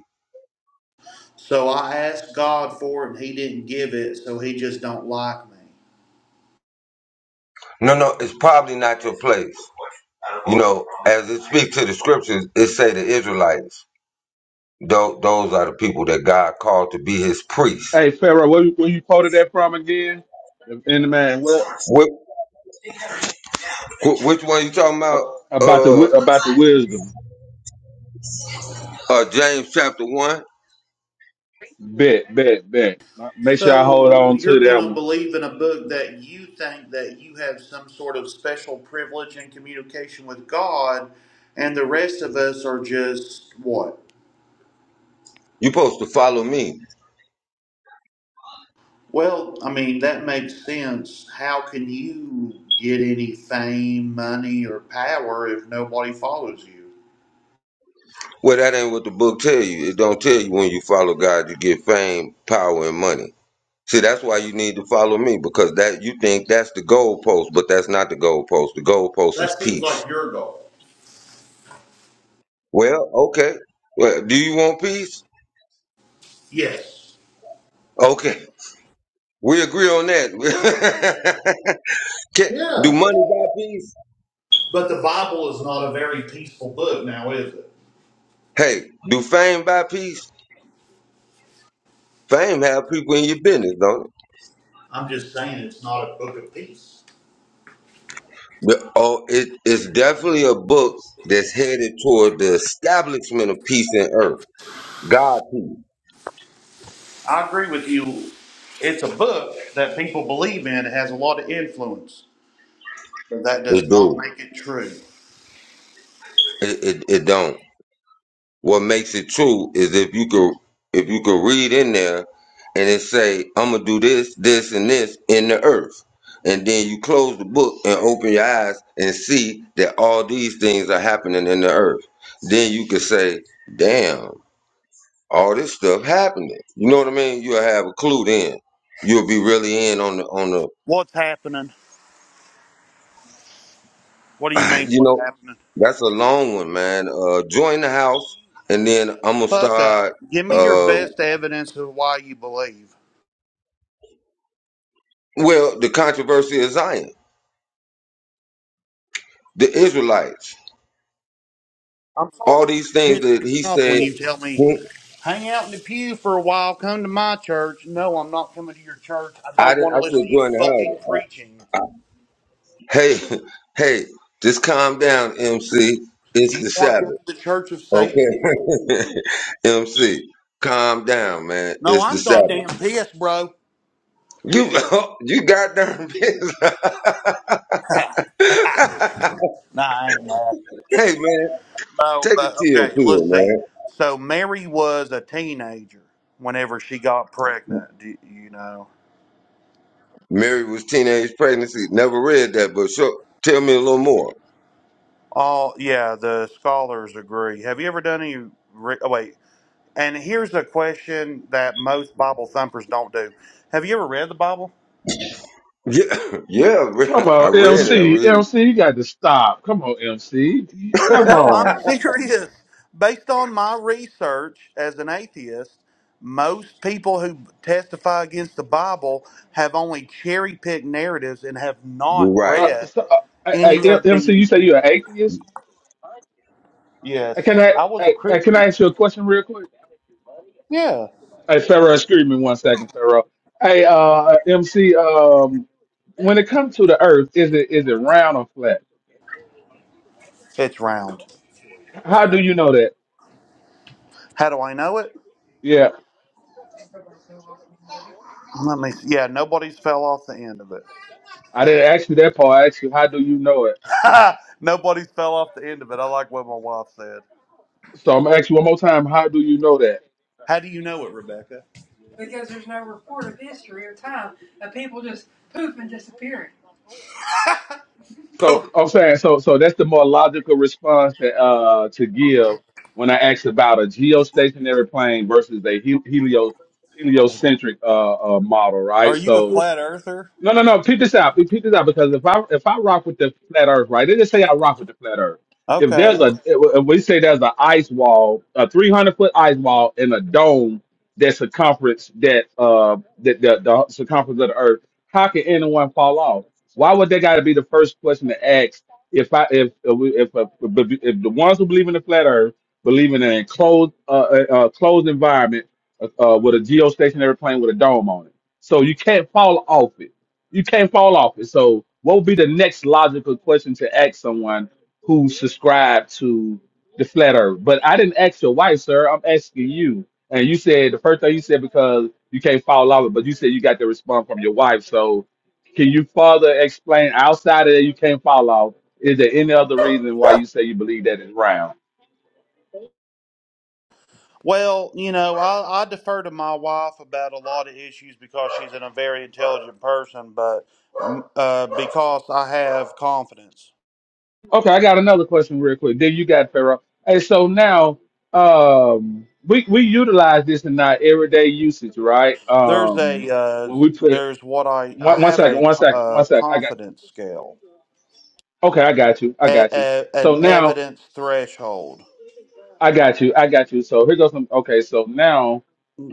[SPEAKER 4] So I asked God for it, and He didn't give it, so He just don't like me.
[SPEAKER 1] No, no, it's probably not your place. You know, as it speaks to the scriptures, it say the Israelites. Tho- Those are the people that God called to be His priests.
[SPEAKER 3] Hey, Pharaoh, where, you- where you quoted that from again? In the man, what
[SPEAKER 1] Which, which one you talking about?
[SPEAKER 3] about the
[SPEAKER 1] Uh,
[SPEAKER 3] wi- about the wisdom?
[SPEAKER 1] uh, James chapter one.
[SPEAKER 3] Bet, bet, bet. Make sure I hold
[SPEAKER 4] So
[SPEAKER 3] on to
[SPEAKER 4] you're
[SPEAKER 3] that
[SPEAKER 4] gonna
[SPEAKER 3] one.
[SPEAKER 4] believe in a book that you think that you have some sort of special privilege and communication with God, and the rest of us are just what?
[SPEAKER 1] You supposed to follow me.
[SPEAKER 4] Well, I mean, that makes sense. How can you get any fame, money, or power if nobody follows you?
[SPEAKER 1] Well, that ain't what the book tell you. It don't tell you when you follow God, you get fame, power, and money. See, that's why you need to follow me because that you think that's the goalpost, but that's not the goalpost. The goalpost is
[SPEAKER 4] That seems
[SPEAKER 1] peace.
[SPEAKER 4] like your goal.
[SPEAKER 1] Well, okay. Well, do you want peace?
[SPEAKER 4] Yes.
[SPEAKER 1] Okay, we agree on that. Can- do
[SPEAKER 4] Yeah.
[SPEAKER 1] money buy peace?
[SPEAKER 4] But the Bible is not a very peaceful book now, is it?
[SPEAKER 1] Hey, do fame buy peace? Fame have people in your business, don't it?
[SPEAKER 4] I'm just saying it's not a book of peace.
[SPEAKER 1] But, oh, it, it's definitely a book that's headed toward the establishment of peace in earth. God peace,
[SPEAKER 4] I agree with you. It's a book that people believe in. It has a lot of influence, but that
[SPEAKER 1] it
[SPEAKER 4] does not
[SPEAKER 1] do,
[SPEAKER 4] make it true.
[SPEAKER 1] it, it, it don't. What makes it true is if you could if you could read in there and it say, I'm gonna do this, this, and this in the earth. And then you close the book and open your eyes and see that all these things are happening in the earth. Then you could say, Damn, all this stuff happening. You know what I mean? You'll have a clue then. You'll be really in on the on the
[SPEAKER 4] What's happening? What do you mean,
[SPEAKER 1] you
[SPEAKER 4] what's
[SPEAKER 1] know,
[SPEAKER 4] happening?
[SPEAKER 1] that's a long one, man. Uh join the
[SPEAKER 4] Can
[SPEAKER 1] house
[SPEAKER 4] you no
[SPEAKER 1] and then
[SPEAKER 4] shut
[SPEAKER 1] I'm
[SPEAKER 4] the
[SPEAKER 1] gonna
[SPEAKER 4] fuck up?
[SPEAKER 1] start
[SPEAKER 4] Give me your
[SPEAKER 1] uh
[SPEAKER 4] best evidence of why you believe.
[SPEAKER 1] Well, the controversy of Zion, the Israelites,
[SPEAKER 4] I'm sorry
[SPEAKER 1] all
[SPEAKER 4] you
[SPEAKER 1] these
[SPEAKER 4] just
[SPEAKER 1] things
[SPEAKER 4] pissed
[SPEAKER 1] that
[SPEAKER 4] me
[SPEAKER 1] he
[SPEAKER 4] off when
[SPEAKER 1] said.
[SPEAKER 4] you tell me
[SPEAKER 1] he-
[SPEAKER 4] hang out in the pew for a while, come to my church. No, I'm not coming to your church. I
[SPEAKER 1] I
[SPEAKER 4] don't
[SPEAKER 1] didn't-
[SPEAKER 4] want to
[SPEAKER 1] I
[SPEAKER 4] listen
[SPEAKER 1] said
[SPEAKER 4] to you
[SPEAKER 1] join the
[SPEAKER 4] fucking preaching.
[SPEAKER 1] house. I- hey, hey, just calm down, MC. It's
[SPEAKER 4] Do you
[SPEAKER 1] the
[SPEAKER 4] want to go to
[SPEAKER 1] Sabbath,
[SPEAKER 4] the church of Satan?
[SPEAKER 1] okay? MC, calm down, man.
[SPEAKER 4] No,
[SPEAKER 1] It's the
[SPEAKER 4] I'm
[SPEAKER 1] Sabbath.
[SPEAKER 4] goddamn pissed, bro.
[SPEAKER 1] You you goddamn bitch.
[SPEAKER 4] Nah, I ain't mad.
[SPEAKER 1] hey man,
[SPEAKER 4] No,
[SPEAKER 1] take a
[SPEAKER 4] but
[SPEAKER 1] chill
[SPEAKER 4] okay,
[SPEAKER 1] pill,
[SPEAKER 4] let's
[SPEAKER 1] man.
[SPEAKER 4] see. So Mary was a teenager whenever she got pregnant, do you know?
[SPEAKER 1] Mary was teenage pregnancy. Never read that, but sure, tell me a little more.
[SPEAKER 4] All yeah, the scholars agree. Have you ever done any? Re- oh, wait, and here's a question that most Bible thumpers don't do. Have you ever read the Bible?
[SPEAKER 1] Yeah, yeah, I
[SPEAKER 3] Come
[SPEAKER 1] read I
[SPEAKER 3] on,
[SPEAKER 1] read it. I
[SPEAKER 3] MC,
[SPEAKER 1] read it.
[SPEAKER 3] MC, you got to stop. Come on, MC, You- come
[SPEAKER 4] No, I'm
[SPEAKER 3] on.
[SPEAKER 4] serious. Based on my research as an atheist, most people who testify against the Bible have only cherry picked narratives and have
[SPEAKER 1] You're
[SPEAKER 4] not
[SPEAKER 1] right.
[SPEAKER 3] Uh,
[SPEAKER 4] read
[SPEAKER 3] so, uh,
[SPEAKER 4] any
[SPEAKER 3] hey, hey,
[SPEAKER 4] of
[SPEAKER 3] MC, you
[SPEAKER 4] the.
[SPEAKER 3] say you're an atheist? Uh,
[SPEAKER 4] Yes,
[SPEAKER 3] Can I,
[SPEAKER 4] I was a
[SPEAKER 3] hey, hey, can
[SPEAKER 4] Christian.
[SPEAKER 3] I ask you a question real quick?
[SPEAKER 4] Yeah,
[SPEAKER 3] Hey, Pharaoh, excuse me one second, Pharaoh. Hey, uh, MC, um, when it comes to the Earth, is it is it round or flat?
[SPEAKER 4] it's round.
[SPEAKER 3] How do you know that?
[SPEAKER 4] How do I know it?
[SPEAKER 3] Yeah.
[SPEAKER 4] Let me. See. Yeah, nobody's fell off the end of it.
[SPEAKER 3] I didn't ask you that part. I asked you, how do you know it?
[SPEAKER 4] nobody's fell off the end of it. I like what my wife said.
[SPEAKER 3] So I'm gonna ask you one more time. How do you know that?
[SPEAKER 4] How do you know it, Rebecca? Because there's no report of history or time of people just poof and disappearing.
[SPEAKER 3] So I'm saying so so that's the more logical response to uh to give when I asked about a geostationary plane versus a he- helio heliocentric uh, uh model, right?
[SPEAKER 4] Are you a
[SPEAKER 3] So
[SPEAKER 4] flat earther?
[SPEAKER 3] no, no, no. Peep this out. Peep peep this out because if I if I rock with the flat Earth, right? They just say I rock with the flat Earth. If there's
[SPEAKER 4] Okay.
[SPEAKER 3] a if we say there's an ice wall, a 300 foot ice wall, and a dome that circumference that uh that the, the circumference of the Earth, how can anyone fall off? Why would they got to be the first question to ask? If I if if we- if, if, if the ones who believe in the flat Earth believe in an enclosed uh, uh, uh, closed environment uh, uh, with a geostationary plane with a dome on it, so you can't fall off it you can't fall off it. So, what would be the next logical question to ask someone who subscribed to the flat earth? But I didn't ask your wife, sir. I'm asking you. And you said the first thing you said because you can't fall off it, but you said you got the response from your wife. So, can you further explain outside of that you can't fall off? Is there any other reason why you say you believe that is round?
[SPEAKER 4] Well, you know, I, I defer to my wife about a lot of issues because she's an, a very intelligent person, but um, uh, because I have confidence.
[SPEAKER 3] Okay, I got another question real quick. Then you got Pharaoh. Hey, so now um we we utilize this in our everyday usage, right?
[SPEAKER 4] There's a
[SPEAKER 3] Um
[SPEAKER 4] uh,
[SPEAKER 3] when we put
[SPEAKER 4] there's what I I
[SPEAKER 3] one, one
[SPEAKER 4] have
[SPEAKER 3] second,
[SPEAKER 4] a
[SPEAKER 3] one
[SPEAKER 4] co-
[SPEAKER 3] second,
[SPEAKER 4] uh,
[SPEAKER 3] one second. I got
[SPEAKER 4] confidence scale
[SPEAKER 3] okay, I got you. I
[SPEAKER 4] a,
[SPEAKER 3] got you.
[SPEAKER 4] a,
[SPEAKER 3] So
[SPEAKER 4] an
[SPEAKER 3] now
[SPEAKER 4] evidence threshold.
[SPEAKER 3] I got you. I got you. So here goes some okay, so now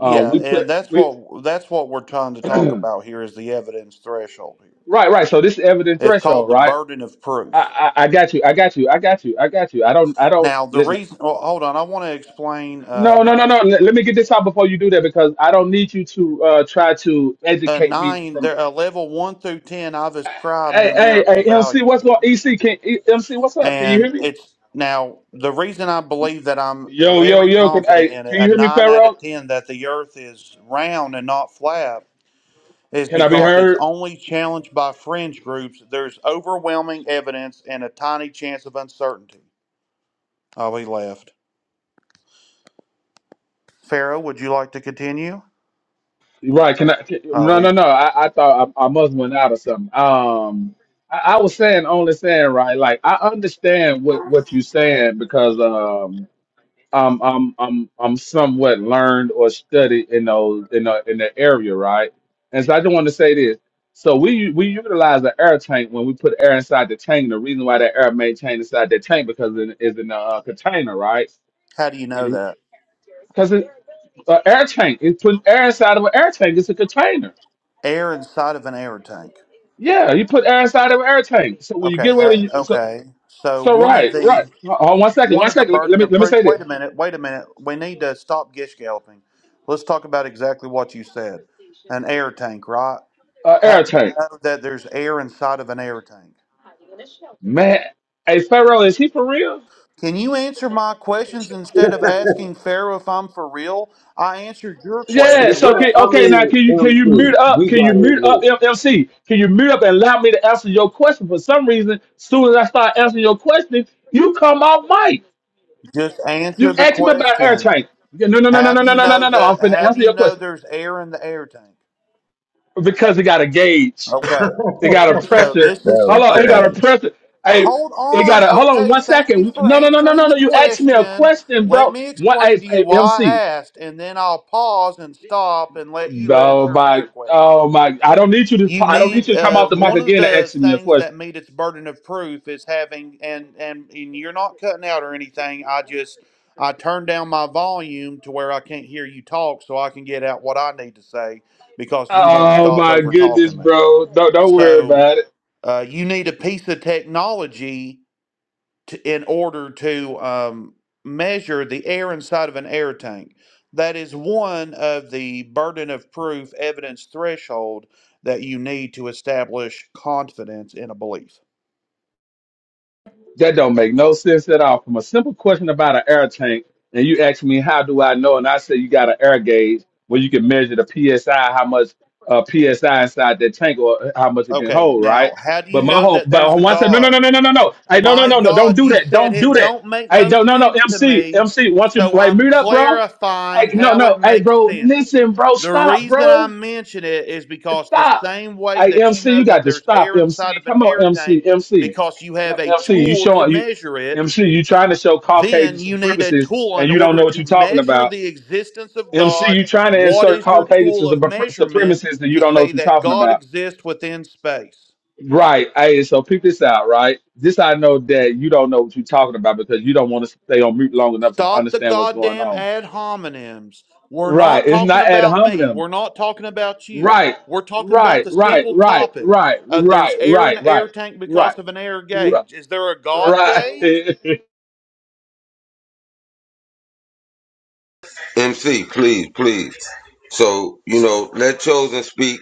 [SPEAKER 3] um we
[SPEAKER 4] and
[SPEAKER 3] put
[SPEAKER 4] that's
[SPEAKER 3] we
[SPEAKER 4] what that's what we're trying to talk
[SPEAKER 3] right,
[SPEAKER 4] about here is the evidence threshold here.
[SPEAKER 3] right. So this is evident
[SPEAKER 4] It's called
[SPEAKER 3] threshold,
[SPEAKER 4] the
[SPEAKER 3] right?
[SPEAKER 4] burden of proof.
[SPEAKER 3] I, I, I got you. I got you. I got you. I got you. I don't I don't
[SPEAKER 4] Now, the
[SPEAKER 3] listen.
[SPEAKER 4] reason well, hold on, I want to explain
[SPEAKER 3] No, no,
[SPEAKER 4] um,
[SPEAKER 3] no, no. Let, let me get this out before you do that because I don't need you to uh, try to
[SPEAKER 4] a
[SPEAKER 3] educate me
[SPEAKER 4] nine
[SPEAKER 3] from.
[SPEAKER 4] there a level 1 through 10 I've ascribed
[SPEAKER 3] Hey, hey,
[SPEAKER 4] numerical
[SPEAKER 3] hey, MC,
[SPEAKER 4] value
[SPEAKER 3] what's going?
[SPEAKER 4] to it.
[SPEAKER 3] EC, can E- MC, what's up? Can you
[SPEAKER 4] And
[SPEAKER 3] hear me?
[SPEAKER 4] it's now the reason I believe that I'm
[SPEAKER 3] Yo, yo,
[SPEAKER 4] very
[SPEAKER 3] yo. Can
[SPEAKER 4] confident
[SPEAKER 3] hey,
[SPEAKER 4] in it,
[SPEAKER 3] can
[SPEAKER 4] a
[SPEAKER 3] you hear me,
[SPEAKER 4] 9 out
[SPEAKER 3] Pharaoh?
[SPEAKER 4] of 10 that the earth is round and not flat is
[SPEAKER 3] Can I be
[SPEAKER 4] because it's
[SPEAKER 3] heard?
[SPEAKER 4] only challenged by fringe groups. There's overwhelming evidence and a tiny chance of uncertainty. Oh, he left. Pharaoh, would you like to continue?
[SPEAKER 3] Right. Can I? Can,
[SPEAKER 4] Oh,
[SPEAKER 3] no, no,
[SPEAKER 4] he's.
[SPEAKER 3] no. I, I thought I, I must went out or something. Um, I, I was saying only saying right. Like I understand what what you're saying because um um am I'm I'm somewhat learned or studied in those in the in the area, right? And so I just want to say this. So we u- we utilize the air tank when we put air inside the tank. The reason why that air maintained inside the tank because it is in a uh, container, right?
[SPEAKER 4] How do you know that?
[SPEAKER 3] Because an air tank, it's putting air inside of an air tank. It's a container.
[SPEAKER 4] Air inside of an air tank.
[SPEAKER 3] Yeah, you put air inside of an air tank. So when you
[SPEAKER 4] Okay.
[SPEAKER 3] get rid of,
[SPEAKER 4] Ha-
[SPEAKER 3] you, so
[SPEAKER 4] okay. So
[SPEAKER 3] so
[SPEAKER 4] one of
[SPEAKER 3] right, right.
[SPEAKER 4] the
[SPEAKER 3] Hold on one second,
[SPEAKER 4] one
[SPEAKER 3] one
[SPEAKER 4] of the
[SPEAKER 3] second. Let me let
[SPEAKER 4] burden
[SPEAKER 3] me,
[SPEAKER 4] of
[SPEAKER 3] let me
[SPEAKER 4] proof.
[SPEAKER 3] say this.
[SPEAKER 4] Wait a minute. Wait a minute. We need to stop gish galloping. Let's talk about exactly what you said. An air tank, right?
[SPEAKER 3] Uh,
[SPEAKER 4] How
[SPEAKER 3] air
[SPEAKER 4] do you
[SPEAKER 3] tank.
[SPEAKER 4] know that there's air inside of an air tank?
[SPEAKER 3] Man, hey Pharaoh, is he for real?
[SPEAKER 4] Can you answer my questions instead of asking Pharaoh if I'm for real? I answered your
[SPEAKER 3] Yeah. So
[SPEAKER 4] questions.
[SPEAKER 1] Well,
[SPEAKER 3] can,
[SPEAKER 1] I
[SPEAKER 3] okay, now
[SPEAKER 1] mean,
[SPEAKER 3] can you can you
[SPEAKER 1] MC,
[SPEAKER 3] mute up?
[SPEAKER 1] you
[SPEAKER 3] Can you
[SPEAKER 1] gotta
[SPEAKER 3] mute up
[SPEAKER 1] admit
[SPEAKER 3] MMC? Can you mute up and allow me to answer your question? For some reason, soon as I start answering your question, you come off mic.
[SPEAKER 4] Just answer
[SPEAKER 3] You
[SPEAKER 4] the
[SPEAKER 3] asked me about air
[SPEAKER 4] question.
[SPEAKER 3] tank. No, no, no, no,
[SPEAKER 4] How
[SPEAKER 3] no,
[SPEAKER 4] do
[SPEAKER 3] no,
[SPEAKER 4] you
[SPEAKER 3] no, no,
[SPEAKER 4] know
[SPEAKER 3] no. no. I'm
[SPEAKER 4] that?
[SPEAKER 3] finna
[SPEAKER 4] How do
[SPEAKER 3] answer
[SPEAKER 4] you
[SPEAKER 3] your
[SPEAKER 4] know
[SPEAKER 3] question.
[SPEAKER 4] there's air in the air tank?
[SPEAKER 3] because it got a gauge.
[SPEAKER 4] Okay,
[SPEAKER 3] It got a
[SPEAKER 4] so
[SPEAKER 3] pressure.
[SPEAKER 4] this
[SPEAKER 1] that
[SPEAKER 4] is
[SPEAKER 3] Hold
[SPEAKER 1] was
[SPEAKER 3] on, it got
[SPEAKER 4] okay.
[SPEAKER 3] a pressure. Hey,
[SPEAKER 4] Hold
[SPEAKER 3] it
[SPEAKER 4] on.
[SPEAKER 3] got a hold on
[SPEAKER 4] Okay,
[SPEAKER 3] one
[SPEAKER 4] thank you
[SPEAKER 3] second.
[SPEAKER 4] for
[SPEAKER 3] No, no, no, no,
[SPEAKER 4] answering
[SPEAKER 3] no,
[SPEAKER 4] the
[SPEAKER 3] no. You asked me a
[SPEAKER 4] question.
[SPEAKER 3] question,
[SPEAKER 4] Let
[SPEAKER 3] bro.
[SPEAKER 4] me
[SPEAKER 3] What
[SPEAKER 4] explain
[SPEAKER 3] hey,
[SPEAKER 4] to you
[SPEAKER 3] hey,
[SPEAKER 4] why I
[SPEAKER 3] MC.
[SPEAKER 4] asked, and then I'll pause and stop and let you
[SPEAKER 3] Oh
[SPEAKER 4] answer me
[SPEAKER 3] my
[SPEAKER 4] a question.
[SPEAKER 3] oh my I don't need you to
[SPEAKER 4] you
[SPEAKER 3] I don't need
[SPEAKER 4] need
[SPEAKER 3] you to come
[SPEAKER 4] uh,
[SPEAKER 3] off the mic
[SPEAKER 4] one of
[SPEAKER 3] again and
[SPEAKER 4] the
[SPEAKER 3] ask me a
[SPEAKER 4] things
[SPEAKER 3] question.
[SPEAKER 4] that meet its burden of proof is having and and and you're not cutting out or anything i just i turn down my volume to where i can't hear you talk so i can get out what i need to say because you won't
[SPEAKER 3] Oh
[SPEAKER 4] stop
[SPEAKER 3] my
[SPEAKER 4] over
[SPEAKER 3] goodness,
[SPEAKER 4] talking me
[SPEAKER 3] bro. Don't don't worry
[SPEAKER 4] so
[SPEAKER 3] about it.
[SPEAKER 4] uh, you need a piece of technology to, in order to um, measure the air inside of an air tank. That is one of the burden of proof evidence threshold that you need to establish confidence in a belief.
[SPEAKER 3] That don't make no sense at all. From a simple question about an air tank, and you ask me how do I know, and I say you got an air gauge where you can measure the psi, how much uh, psi inside that tank, or how much it can
[SPEAKER 4] Okay,
[SPEAKER 3] hold,
[SPEAKER 4] now
[SPEAKER 3] right?
[SPEAKER 4] how do you
[SPEAKER 3] But my
[SPEAKER 4] know
[SPEAKER 3] whole,
[SPEAKER 4] that there's
[SPEAKER 3] but
[SPEAKER 4] a
[SPEAKER 3] one said, no, no,
[SPEAKER 4] God?
[SPEAKER 3] no, no, no, no, no, hey, no, no,
[SPEAKER 4] My
[SPEAKER 3] no, no, don't
[SPEAKER 4] God,
[SPEAKER 3] do
[SPEAKER 4] you
[SPEAKER 3] that,
[SPEAKER 4] said
[SPEAKER 3] don't do
[SPEAKER 4] it don't
[SPEAKER 3] that,
[SPEAKER 4] make
[SPEAKER 3] hey,
[SPEAKER 4] no
[SPEAKER 3] don't, no, no,
[SPEAKER 4] sense to
[SPEAKER 3] MC,
[SPEAKER 4] me,
[SPEAKER 3] MC, once you
[SPEAKER 4] so
[SPEAKER 3] like
[SPEAKER 4] I'm
[SPEAKER 3] meet up, bro,
[SPEAKER 4] clarifying
[SPEAKER 3] hey, no,
[SPEAKER 4] how it
[SPEAKER 3] no, hey,
[SPEAKER 4] makes
[SPEAKER 3] bro,
[SPEAKER 4] sense.
[SPEAKER 3] listen, bro,
[SPEAKER 4] The
[SPEAKER 3] stop,
[SPEAKER 4] reason I
[SPEAKER 3] bro,
[SPEAKER 4] mention it is because the
[SPEAKER 3] Stop.
[SPEAKER 4] same way
[SPEAKER 3] Hey,
[SPEAKER 4] that you
[SPEAKER 3] MC,
[SPEAKER 4] know
[SPEAKER 3] you got
[SPEAKER 4] that
[SPEAKER 3] to
[SPEAKER 4] there's
[SPEAKER 3] stop,
[SPEAKER 4] air inside
[SPEAKER 3] MC.
[SPEAKER 4] of an
[SPEAKER 3] Come on,
[SPEAKER 4] air
[SPEAKER 3] MC,
[SPEAKER 4] tank
[SPEAKER 3] MC.
[SPEAKER 4] because you have a
[SPEAKER 3] MC, you
[SPEAKER 4] tool to
[SPEAKER 3] showing you
[SPEAKER 4] measure it,
[SPEAKER 3] MC, you trying to show Caucasian
[SPEAKER 4] then you need a
[SPEAKER 3] supremacists
[SPEAKER 4] tool
[SPEAKER 3] and
[SPEAKER 4] in
[SPEAKER 3] you don't know
[SPEAKER 4] order
[SPEAKER 3] what
[SPEAKER 4] to
[SPEAKER 3] you're talking
[SPEAKER 4] measure
[SPEAKER 3] about.
[SPEAKER 4] the existence of
[SPEAKER 3] MC,
[SPEAKER 4] God.
[SPEAKER 3] you trying to
[SPEAKER 4] What
[SPEAKER 3] insert
[SPEAKER 4] is your
[SPEAKER 3] Caucasian to
[SPEAKER 4] tool
[SPEAKER 3] the
[SPEAKER 4] of
[SPEAKER 3] pr-
[SPEAKER 4] measurement
[SPEAKER 3] supremacists and
[SPEAKER 4] to
[SPEAKER 3] you don't know
[SPEAKER 4] say
[SPEAKER 3] what you're
[SPEAKER 4] that
[SPEAKER 3] talking
[SPEAKER 4] God
[SPEAKER 3] about.
[SPEAKER 4] exists within space?
[SPEAKER 3] Right. Hey, so pick this out, right? This I know that you don't know what you're talking about because you don't want to stay on mute long enough to
[SPEAKER 4] Stop the
[SPEAKER 3] understand what's going
[SPEAKER 4] goddamn
[SPEAKER 3] on.
[SPEAKER 4] ad hominems. We're
[SPEAKER 3] Right.
[SPEAKER 4] not
[SPEAKER 3] It's
[SPEAKER 4] talking
[SPEAKER 3] not ad
[SPEAKER 4] about me.
[SPEAKER 3] hominem.
[SPEAKER 4] We're not talking about you.
[SPEAKER 3] Right,
[SPEAKER 4] We're talking about
[SPEAKER 3] right,
[SPEAKER 4] the
[SPEAKER 3] right,
[SPEAKER 4] simple
[SPEAKER 3] right,
[SPEAKER 4] topic.
[SPEAKER 3] right,
[SPEAKER 4] Uh, there's
[SPEAKER 3] right,
[SPEAKER 4] air in
[SPEAKER 3] right,
[SPEAKER 4] the air
[SPEAKER 3] right,
[SPEAKER 4] tank because
[SPEAKER 3] right,
[SPEAKER 4] of an air
[SPEAKER 3] right.
[SPEAKER 4] gauge. Is there a God
[SPEAKER 3] right.
[SPEAKER 4] gauge?
[SPEAKER 1] MC, please, please. So, you know, let Chosen speak,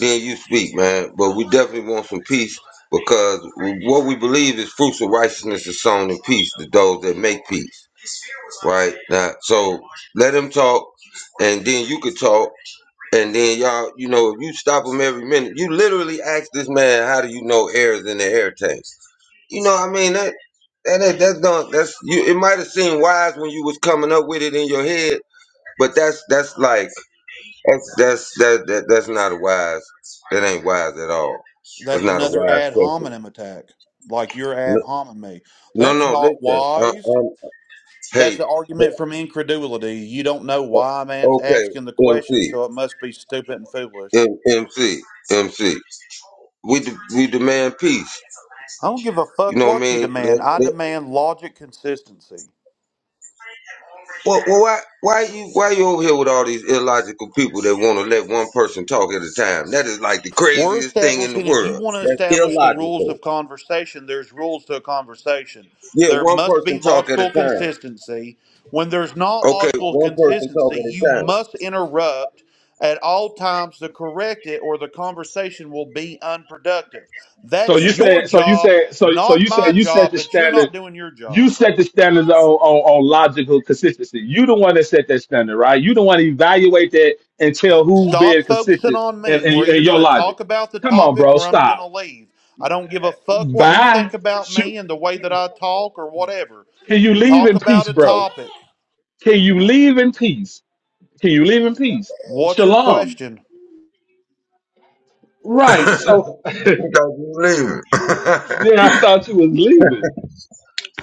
[SPEAKER 1] then you speak, man. But we definitely want some peace because what we believe is fruits of righteousness is sown in peace to those that make peace, right? Now, so let him talk, and then you could talk, And then y'all, you know, you stop him every minute. You literally ask this man, "How do you know air is in the air tanks?" You know, I mean that that that that's not that's you. It might have seemed wise when you was coming up with it in your head, but that's that's like that's that's that, that that's not a wise. That ain't wise at all. It's
[SPEAKER 4] That's
[SPEAKER 1] not a
[SPEAKER 4] another
[SPEAKER 1] wise
[SPEAKER 4] ad
[SPEAKER 1] question.
[SPEAKER 4] hominem attack, like you're ad
[SPEAKER 1] No,
[SPEAKER 4] hominem me.
[SPEAKER 1] no,
[SPEAKER 4] That's
[SPEAKER 1] no
[SPEAKER 4] not
[SPEAKER 1] listen. Uh,
[SPEAKER 4] wise.
[SPEAKER 1] um, hey,
[SPEAKER 4] That's an
[SPEAKER 1] hey,
[SPEAKER 4] argument from incredulity. You don't know why a man's asking the
[SPEAKER 1] okay,
[SPEAKER 4] question,
[SPEAKER 1] MC,
[SPEAKER 4] so it must be stupid and foolish.
[SPEAKER 1] MC, MC. M C. We de- we demand peace.
[SPEAKER 4] I don't give a
[SPEAKER 1] You
[SPEAKER 4] fuck
[SPEAKER 1] know what I
[SPEAKER 4] what you
[SPEAKER 1] mean?
[SPEAKER 4] demand. I
[SPEAKER 1] Let,
[SPEAKER 4] demand logic consistency.
[SPEAKER 1] Well, well, why, why you, why you over here with all these illogical people that want to let one person talk at a time? That is like the
[SPEAKER 4] We're
[SPEAKER 1] craziest thing in the
[SPEAKER 4] establishing, if you
[SPEAKER 1] world.
[SPEAKER 4] want to establish the rules of conversation, there's rules to a conversation.
[SPEAKER 1] Yeah,
[SPEAKER 4] There
[SPEAKER 1] one
[SPEAKER 4] must
[SPEAKER 1] person
[SPEAKER 4] be
[SPEAKER 1] talk at a
[SPEAKER 4] logical
[SPEAKER 1] time.
[SPEAKER 4] consistency. When there's not
[SPEAKER 1] Okay,
[SPEAKER 4] logical consistency, you must interrupt at all times to correct it, or the conversation will be unproductive.
[SPEAKER 3] so
[SPEAKER 4] That's
[SPEAKER 3] you
[SPEAKER 4] your
[SPEAKER 3] said, so you
[SPEAKER 4] job,
[SPEAKER 3] said, so so
[SPEAKER 4] not
[SPEAKER 3] you
[SPEAKER 4] my
[SPEAKER 3] said you set
[SPEAKER 4] job,
[SPEAKER 3] the
[SPEAKER 4] but you're
[SPEAKER 3] standard.
[SPEAKER 4] not doing your
[SPEAKER 3] You
[SPEAKER 4] job.
[SPEAKER 3] set the standards on, on on logical consistency. You the one that set that standard, right? You the one to evaluate that and tell who been
[SPEAKER 4] Stop focusing
[SPEAKER 3] consistent
[SPEAKER 4] on
[SPEAKER 3] in,
[SPEAKER 4] me. We're
[SPEAKER 3] in, in
[SPEAKER 4] either
[SPEAKER 3] your
[SPEAKER 4] going to
[SPEAKER 3] logic.
[SPEAKER 4] talk about the
[SPEAKER 3] Come on,
[SPEAKER 4] topic
[SPEAKER 3] bro,
[SPEAKER 4] or I'm going to
[SPEAKER 3] stop.
[SPEAKER 4] leave. I don't give a fuck what you
[SPEAKER 3] Bye.
[SPEAKER 4] think about
[SPEAKER 3] Shoot.
[SPEAKER 4] me and the way that I talk or whatever.
[SPEAKER 3] Can you leave
[SPEAKER 4] Talk
[SPEAKER 3] in
[SPEAKER 4] about
[SPEAKER 3] peace,
[SPEAKER 4] a
[SPEAKER 3] bro?
[SPEAKER 4] topic.
[SPEAKER 3] Can you leave in peace? Can you leave in peace?
[SPEAKER 4] What's your
[SPEAKER 3] Shalom.
[SPEAKER 4] question?
[SPEAKER 3] Right.
[SPEAKER 1] don't
[SPEAKER 3] So
[SPEAKER 1] you believe it?
[SPEAKER 3] yeah, I thought you was leaving.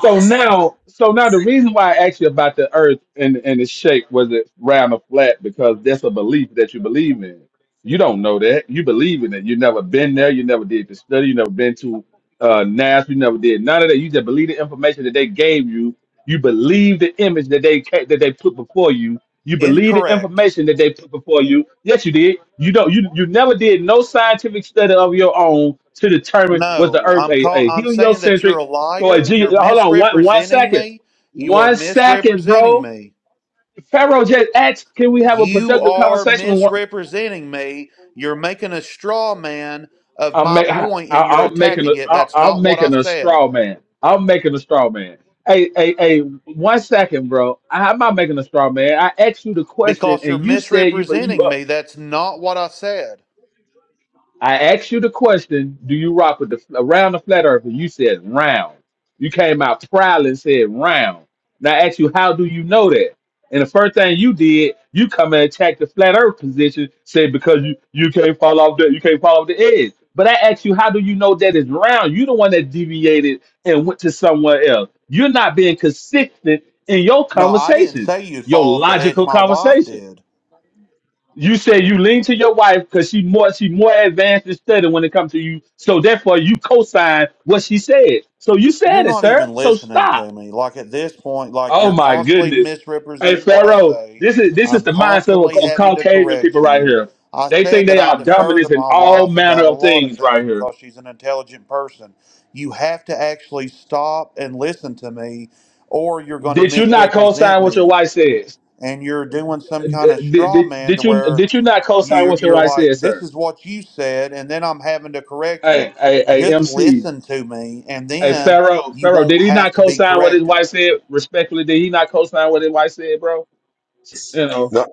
[SPEAKER 3] So now, so now the reason why I asked you about the earth and and its shape was it round or flat because that's a belief that you believe in. You don't know that. You believe in it. You never been there. You never did the study. You never been to uh, NASA. You never did none of that. You just believe the information that they gave you. You believe the image that they ca- that they put before you. You believe the
[SPEAKER 4] Incorrect.
[SPEAKER 3] information that they put before you. Yes, you did. You don't. You you never did no scientific study of your own to determine was the
[SPEAKER 4] No,
[SPEAKER 3] Earth
[SPEAKER 4] I'm
[SPEAKER 3] a,
[SPEAKER 4] call-
[SPEAKER 3] a
[SPEAKER 4] I'm saying that you're
[SPEAKER 3] heliocentric
[SPEAKER 4] a
[SPEAKER 3] Oh, Wait,
[SPEAKER 4] liar.
[SPEAKER 3] G,
[SPEAKER 4] You're
[SPEAKER 3] hold on one one
[SPEAKER 4] misrepresenting
[SPEAKER 3] second,
[SPEAKER 4] me. You are
[SPEAKER 3] one second,
[SPEAKER 4] misrepresenting
[SPEAKER 3] bro.
[SPEAKER 4] me.
[SPEAKER 3] Pharaoh just asked, "Can we have a
[SPEAKER 4] You
[SPEAKER 3] productive
[SPEAKER 4] are
[SPEAKER 3] conversation?" With one,
[SPEAKER 4] misrepresenting me. You're making a straw man of
[SPEAKER 3] I'm
[SPEAKER 4] my
[SPEAKER 3] make, I,
[SPEAKER 4] point
[SPEAKER 3] I-
[SPEAKER 4] and you're
[SPEAKER 3] I'm making a
[SPEAKER 4] attacking it.
[SPEAKER 3] I,
[SPEAKER 4] That's not
[SPEAKER 3] I'm
[SPEAKER 4] what I
[SPEAKER 3] making a
[SPEAKER 4] said.
[SPEAKER 3] straw man. I'm making a straw man. Hey, hey, hey, one second, bro. I, I'm not making a straw man. I asked you the question,
[SPEAKER 4] Because you're
[SPEAKER 3] and you said you believe.
[SPEAKER 4] misrepresenting
[SPEAKER 3] uh,
[SPEAKER 4] me. That's not what I said.
[SPEAKER 3] I asked you the question, do you rock with the around the flat earth? And you said round. You came out proud and said round. Now I asked you, how do you know that? And the first thing you did, you come and attack the flat earth position, say because you, you can't fall off the you can't fall off the edge. But I asked you, how do you know that it's round? you the one that deviated and went to somewhere else. You're not being consistent in your
[SPEAKER 4] No, I didn't
[SPEAKER 3] conversation,
[SPEAKER 4] say you'd
[SPEAKER 3] your
[SPEAKER 4] fall off the edge.
[SPEAKER 3] logical
[SPEAKER 4] My wife
[SPEAKER 3] conversation
[SPEAKER 4] did.
[SPEAKER 3] you say you lean to your wife because she more she more advanced and studied when it comes to you. So therefore, you co-sign what she said. So you
[SPEAKER 4] You're
[SPEAKER 3] said it,
[SPEAKER 4] not even
[SPEAKER 3] sir. So
[SPEAKER 4] listening to
[SPEAKER 3] stop.
[SPEAKER 4] me. Like at this point, like
[SPEAKER 3] Oh
[SPEAKER 4] you're
[SPEAKER 3] my
[SPEAKER 4] constantly
[SPEAKER 3] goodness. Hey
[SPEAKER 4] misrepresenting what I
[SPEAKER 3] Pharaoh,
[SPEAKER 4] say.
[SPEAKER 3] this is this is
[SPEAKER 4] I'm
[SPEAKER 3] the mindset of,
[SPEAKER 4] constantly
[SPEAKER 3] of
[SPEAKER 4] having to
[SPEAKER 3] Caucasian
[SPEAKER 4] correct
[SPEAKER 3] people right
[SPEAKER 4] you.
[SPEAKER 3] here.
[SPEAKER 4] I
[SPEAKER 3] They
[SPEAKER 4] said
[SPEAKER 3] think
[SPEAKER 4] that
[SPEAKER 3] they
[SPEAKER 4] I
[SPEAKER 3] are
[SPEAKER 4] defer to
[SPEAKER 3] dominant in
[SPEAKER 4] my
[SPEAKER 3] all
[SPEAKER 4] wife
[SPEAKER 3] manner
[SPEAKER 4] about a
[SPEAKER 3] of
[SPEAKER 4] lot of
[SPEAKER 3] things
[SPEAKER 4] things
[SPEAKER 3] right here.
[SPEAKER 4] because she's an intelligent person. You have to actually stop and listen to me, or you're going to
[SPEAKER 3] Did you not
[SPEAKER 4] misrepresent
[SPEAKER 3] co-sign what your
[SPEAKER 4] me.
[SPEAKER 3] wife says?
[SPEAKER 4] and you're doing some kind of
[SPEAKER 3] Did,
[SPEAKER 4] straw
[SPEAKER 3] did,
[SPEAKER 4] man to
[SPEAKER 3] did you
[SPEAKER 4] where
[SPEAKER 3] did you not co-sign
[SPEAKER 4] you
[SPEAKER 3] what your
[SPEAKER 4] you're
[SPEAKER 3] wife said,
[SPEAKER 4] like this
[SPEAKER 3] sir?
[SPEAKER 4] is what you said and then I'm having to correct you
[SPEAKER 3] Hey, hey, hey,
[SPEAKER 4] just
[SPEAKER 3] MC.
[SPEAKER 4] listen to me and
[SPEAKER 3] Hey,
[SPEAKER 4] then
[SPEAKER 3] Pharaoh,
[SPEAKER 4] you
[SPEAKER 3] Pharaoh, did
[SPEAKER 4] won't
[SPEAKER 3] he not
[SPEAKER 4] have to be
[SPEAKER 3] co-sign what his
[SPEAKER 4] corrected
[SPEAKER 3] wife said? Respectfully, did he not co-sign what his wife said, bro? You know.
[SPEAKER 1] no,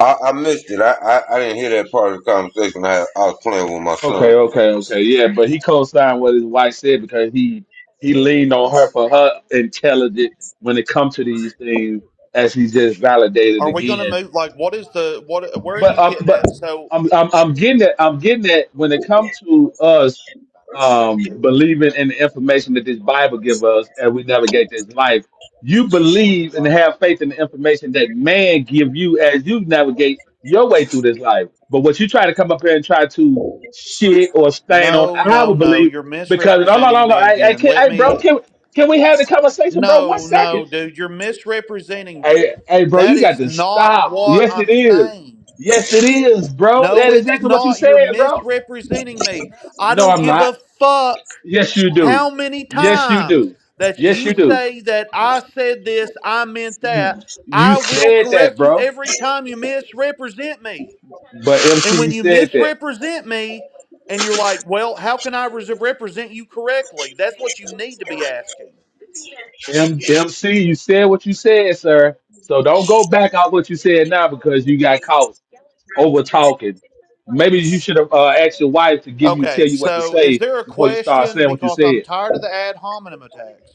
[SPEAKER 1] I, I missed it. I, I, I didn't hear that part of the conversation. I, I was playing with my
[SPEAKER 3] Okay,
[SPEAKER 1] son.
[SPEAKER 3] okay, okay. Yeah, but he co-signed what his wife said because he he leaned on her for her intelligence when it comes to these things, as he just validated
[SPEAKER 4] are we going to
[SPEAKER 3] again.
[SPEAKER 4] move like what is the what where are you
[SPEAKER 3] but um,
[SPEAKER 4] getting
[SPEAKER 3] but
[SPEAKER 4] at so
[SPEAKER 3] I'm, I'm I'm getting that I'm getting that when it comes to us um believing in the information that this Bible give us as we navigate this life, you believe and have faith in the information that man give you as you navigate your way through this life. But what you try to come up here and try to shit or stain on
[SPEAKER 4] no no
[SPEAKER 3] our
[SPEAKER 4] no
[SPEAKER 3] belief
[SPEAKER 4] you're
[SPEAKER 3] because no no
[SPEAKER 4] misrepresenting
[SPEAKER 3] no no
[SPEAKER 4] me
[SPEAKER 3] I, I
[SPEAKER 4] again
[SPEAKER 3] can't
[SPEAKER 4] let
[SPEAKER 3] hey bro
[SPEAKER 4] me
[SPEAKER 3] can can we have the conversation bro one
[SPEAKER 4] no
[SPEAKER 3] second
[SPEAKER 4] no dude you're misrepresenting me
[SPEAKER 3] Hey, hey, bro,
[SPEAKER 4] that
[SPEAKER 3] you got
[SPEAKER 4] is
[SPEAKER 3] to
[SPEAKER 4] not
[SPEAKER 3] stop.
[SPEAKER 4] what
[SPEAKER 3] Yes, it
[SPEAKER 4] I'm
[SPEAKER 3] is.
[SPEAKER 4] saying
[SPEAKER 3] Yes, it is, bro.
[SPEAKER 4] No,
[SPEAKER 3] That is
[SPEAKER 4] it's
[SPEAKER 3] exactly what you
[SPEAKER 4] not. You're
[SPEAKER 3] said, bro.
[SPEAKER 4] misrepresenting me. I
[SPEAKER 3] No,
[SPEAKER 4] don't
[SPEAKER 3] I'm
[SPEAKER 4] give a
[SPEAKER 3] not.
[SPEAKER 4] fuck
[SPEAKER 3] Yes, you do.
[SPEAKER 4] how many
[SPEAKER 3] Yes, you
[SPEAKER 4] times
[SPEAKER 3] do.
[SPEAKER 4] that
[SPEAKER 3] Yes,
[SPEAKER 4] you
[SPEAKER 3] you do.
[SPEAKER 4] say that I said this, I meant that.
[SPEAKER 3] You you
[SPEAKER 4] I will
[SPEAKER 3] said that,
[SPEAKER 4] correct you
[SPEAKER 3] bro.
[SPEAKER 4] every time you misrepresent me.
[SPEAKER 3] But
[SPEAKER 4] And
[SPEAKER 3] MC, you
[SPEAKER 4] when you
[SPEAKER 3] said that.
[SPEAKER 4] misrepresent me, and you're like, well, how can I res- represent you correctly? That's what you need to be asking.
[SPEAKER 3] M- MC, you said what you said, sir. So don't go back out what you said now because you got caught over talking. Maybe you should have uh, asked your wife to give you tell
[SPEAKER 4] Okay,
[SPEAKER 3] you what to
[SPEAKER 4] so
[SPEAKER 3] say
[SPEAKER 4] is there a
[SPEAKER 3] before you start
[SPEAKER 4] question?
[SPEAKER 3] saying what you
[SPEAKER 4] Because I'm
[SPEAKER 3] said.
[SPEAKER 4] tired of the ad hominem attacks.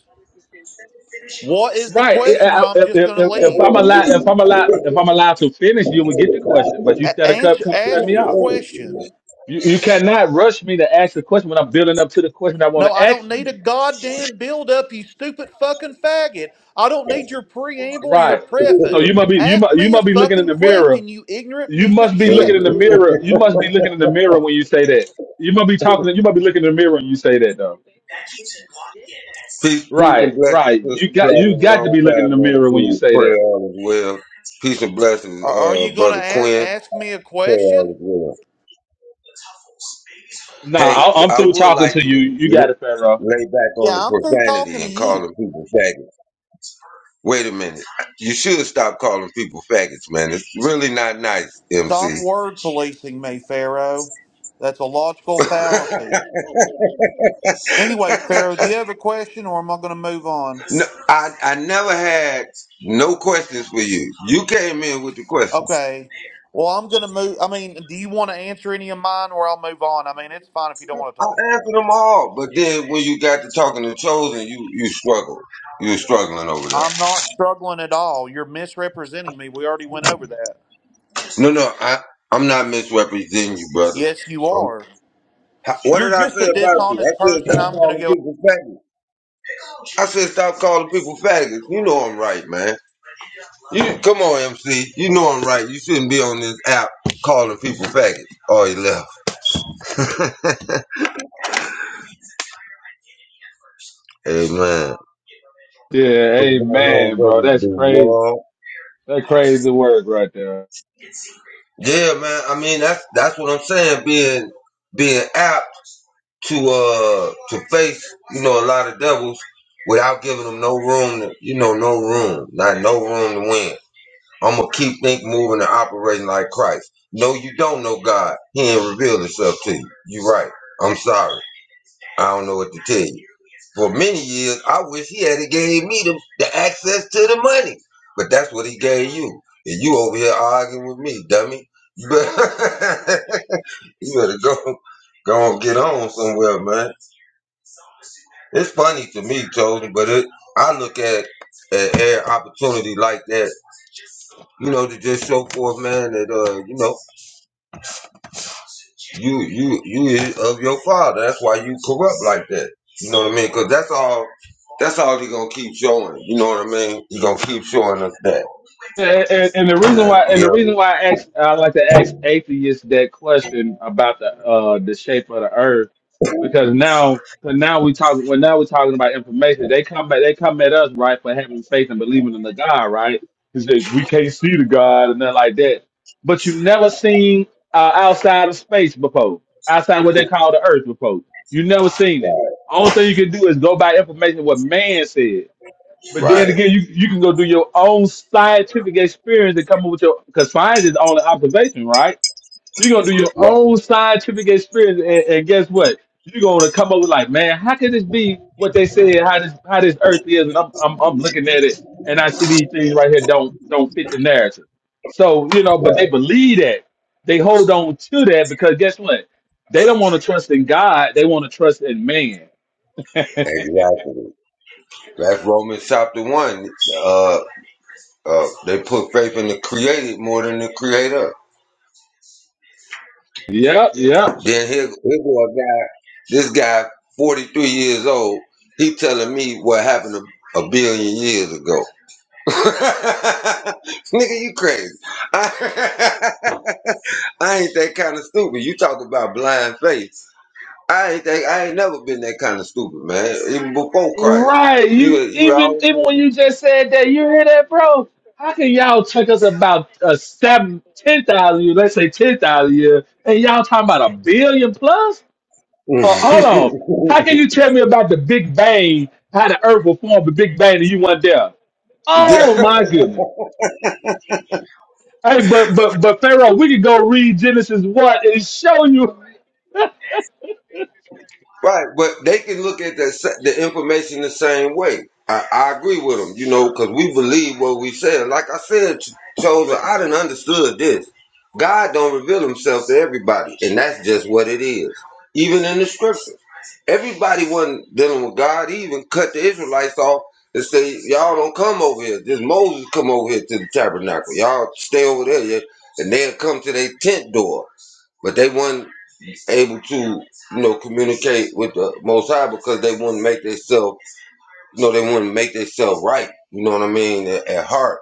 [SPEAKER 4] What is the
[SPEAKER 3] Right.
[SPEAKER 4] question, or
[SPEAKER 3] I- I-
[SPEAKER 4] I'm
[SPEAKER 3] If,
[SPEAKER 4] just going
[SPEAKER 3] if,
[SPEAKER 4] to
[SPEAKER 3] if, if
[SPEAKER 4] leave?
[SPEAKER 3] I'm allowed, if I'm allowed, if I'm allowed to finish, you would get the question. But you
[SPEAKER 4] A-
[SPEAKER 3] instead of cut,
[SPEAKER 4] answer,
[SPEAKER 3] cut, cut
[SPEAKER 4] ask
[SPEAKER 3] me
[SPEAKER 4] your
[SPEAKER 3] off.
[SPEAKER 4] question.
[SPEAKER 3] You, you cannot rush me to ask the question when I'm building up to the question I want
[SPEAKER 4] No,
[SPEAKER 3] to
[SPEAKER 4] I don't
[SPEAKER 3] ask
[SPEAKER 4] need
[SPEAKER 3] you.
[SPEAKER 4] a goddamn build up, you stupid fucking faggot. I don't need your preamble or your
[SPEAKER 3] Right. So
[SPEAKER 4] preface.
[SPEAKER 3] you might be you
[SPEAKER 4] Ask
[SPEAKER 3] might you
[SPEAKER 4] me a
[SPEAKER 3] might be looking in
[SPEAKER 4] fucking
[SPEAKER 3] the mirror
[SPEAKER 4] question, you ignorant
[SPEAKER 3] You
[SPEAKER 4] piece of
[SPEAKER 3] must be looking in
[SPEAKER 4] shit.
[SPEAKER 3] the
[SPEAKER 1] And
[SPEAKER 3] mirror. You must be looking in the mirror when you say that. You must be talking. You must be looking in the mirror when you say that, though.
[SPEAKER 1] Peace, peace
[SPEAKER 3] Right,
[SPEAKER 1] and blessings,
[SPEAKER 3] right.
[SPEAKER 1] Sister
[SPEAKER 3] You got you
[SPEAKER 1] Platinum.
[SPEAKER 3] got to
[SPEAKER 1] Long
[SPEAKER 3] be looking in
[SPEAKER 1] time
[SPEAKER 3] the
[SPEAKER 1] no
[SPEAKER 3] mirror when you
[SPEAKER 1] see.
[SPEAKER 3] say
[SPEAKER 1] Pray
[SPEAKER 3] that.
[SPEAKER 1] all is well. Peace and blessings,
[SPEAKER 4] Are, are
[SPEAKER 1] uh,
[SPEAKER 4] you going to
[SPEAKER 1] Brother
[SPEAKER 4] ask,
[SPEAKER 1] Quinn.
[SPEAKER 4] ask me a
[SPEAKER 1] Pray all
[SPEAKER 4] question?
[SPEAKER 1] is well.
[SPEAKER 3] Nah,
[SPEAKER 1] Hey,
[SPEAKER 3] I, I'm
[SPEAKER 1] I
[SPEAKER 3] through
[SPEAKER 1] would
[SPEAKER 3] talking
[SPEAKER 1] like
[SPEAKER 3] to
[SPEAKER 1] you to
[SPEAKER 3] you. You got
[SPEAKER 1] l-
[SPEAKER 3] it, Pharaoh.
[SPEAKER 1] lay back on the
[SPEAKER 4] Yeah, I'm through talking
[SPEAKER 1] profanity
[SPEAKER 4] to
[SPEAKER 1] and calling
[SPEAKER 4] you.
[SPEAKER 1] people faggots. Wait a minute. You should stop calling people faggots, man. It's really not nice, MC.
[SPEAKER 4] Stop word policing me, Pharaoh. That's a logical
[SPEAKER 1] no,
[SPEAKER 4] fallacy. Anyways, Pharaoh, do you have a question or am I going to move on?
[SPEAKER 1] I, I never had no questions for you. You came in with the questions.
[SPEAKER 4] Okay. Well, I'm gonna move. I mean, do you want to answer any of mine, or I'll move on? I mean, it's fine if you don't want to
[SPEAKER 1] I
[SPEAKER 4] talk.
[SPEAKER 1] answered them all, but then when you got to talking to Chosen, you, you struggled. You were struggling over there.
[SPEAKER 4] I'm not struggling at all. You're misrepresenting me. We already went over that.
[SPEAKER 1] No, no, I, I'm not misrepresenting you, brother.
[SPEAKER 4] Yes, you are.
[SPEAKER 1] How- What
[SPEAKER 4] You're
[SPEAKER 1] did I
[SPEAKER 4] just a
[SPEAKER 1] say about you?
[SPEAKER 4] dishonest
[SPEAKER 1] I said
[SPEAKER 4] person.
[SPEAKER 1] stop
[SPEAKER 4] I'm gonna
[SPEAKER 1] calling
[SPEAKER 4] go
[SPEAKER 1] people faggots. I said stop calling people faggots. You know I'm right, man. You come on, MC. You know I'm right. You shouldn't be on this app calling people faggots. Oh, you left. hey man.
[SPEAKER 3] Yeah, amen, bro. That's crazy. That crazy work right there.
[SPEAKER 1] Yeah, man. I mean, that's that's what I'm saying. Being being apt to uh to face you know a lot of devils without giving them no room. To, you know, no room, not no room to win. I'm gonna keep think moving and operating like Christ. No, you don't know God. He ain't revealed himself to you. you are right. I'm sorry. I don't know what to tell you. For many years, I wish he had gave me the, the access to the money. But that's what he gave you. And you over here arguing with me, dummy. You better, you better go go and get on somewhere, man. It's funny to me, Tony, but it, I look at, at every opportunity like that, you know, to just show forth, man, that, uh, you know, You you you is of your father. That's why you corrupt like that. You know what I mean? Because that's all. That's all he gonna keep showing. You know what I mean? He gonna keep showing us that.
[SPEAKER 3] And, and, and the reason
[SPEAKER 1] that
[SPEAKER 3] why, and
[SPEAKER 1] he
[SPEAKER 3] the reason
[SPEAKER 1] of-
[SPEAKER 3] why I ask, I like to ask atheists that question about the uh the shape of the earth, because now, because now we talk, well, now we're talking about information. They come back, they come at us right for having faith and believing in the God, right? Because we can't see the God and nothing like that. But you never seen uh, outside of space before, outside what they call the earth before. You never seen it. Only thing you can do is go by information what man said.
[SPEAKER 1] it.
[SPEAKER 3] But then
[SPEAKER 1] right.
[SPEAKER 3] again, you you can go do your own scientific experience and come up with your because science is only observation, right? You're gonna do your
[SPEAKER 1] Right.
[SPEAKER 3] own scientific experience, and, and guess what? You're gonna come up with like, man, how could this be what they said? How this how this Earth is? And I'm I'm, I'm looking at it, and I see these things right here don't don't fit the narrative. So you know, but they
[SPEAKER 1] Right.
[SPEAKER 3] believe that they hold on to that because guess what? They don't want to trust in God. They want to trust in man.
[SPEAKER 1] Exactly. That's Romans chapter one. Uh, uh, they put faith in the created more than the creator.
[SPEAKER 3] Yep, yep.
[SPEAKER 1] Then here, here go a guy. This guy, forty three years old. He telling me what happened a, a billion years ago. Nigga, you crazy. I, ain't that kind of stupid. You talk about blind faith. I ain't that, I ain't never been that kind of stupid, man. Even before Christ.
[SPEAKER 3] Right.
[SPEAKER 1] You
[SPEAKER 3] You
[SPEAKER 1] you
[SPEAKER 3] even
[SPEAKER 1] always
[SPEAKER 3] even when you just said that, you hear that, bro? How can y'all check us about uh, seven, ten thousand a year, Let's say ten thousand a year, and y'all talking about a billion plus? Uh, hold
[SPEAKER 1] had
[SPEAKER 3] on. How can you tell me about the Big Bang? How the Earth will form the Big Bang, and you weren't there?
[SPEAKER 1] yeah.
[SPEAKER 3] Oh my goodness. Hey, but but but Pharaoh, we could go read Genesis one and show you.
[SPEAKER 1] Right, but they can look at the the information the same way. I, I agree with them, you know, because we believe what we said. Like I said, Ch- chosen, I didn't understood this. God don't reveal Himself to everybody, and that's just what it is. Even in the scripture, everybody wasn't dealing with God. He even cut the Israelites off and say, "Y'all don't come over here. Just Moses come over here to the tabernacle. Y'all stay over there." yeah," And they'll come to their tent door, but they weren't able to, you know, communicate with the Most High because they wouldn't make themselves, you know, they wouldn't make themselves right. You know what I mean? At, at heart.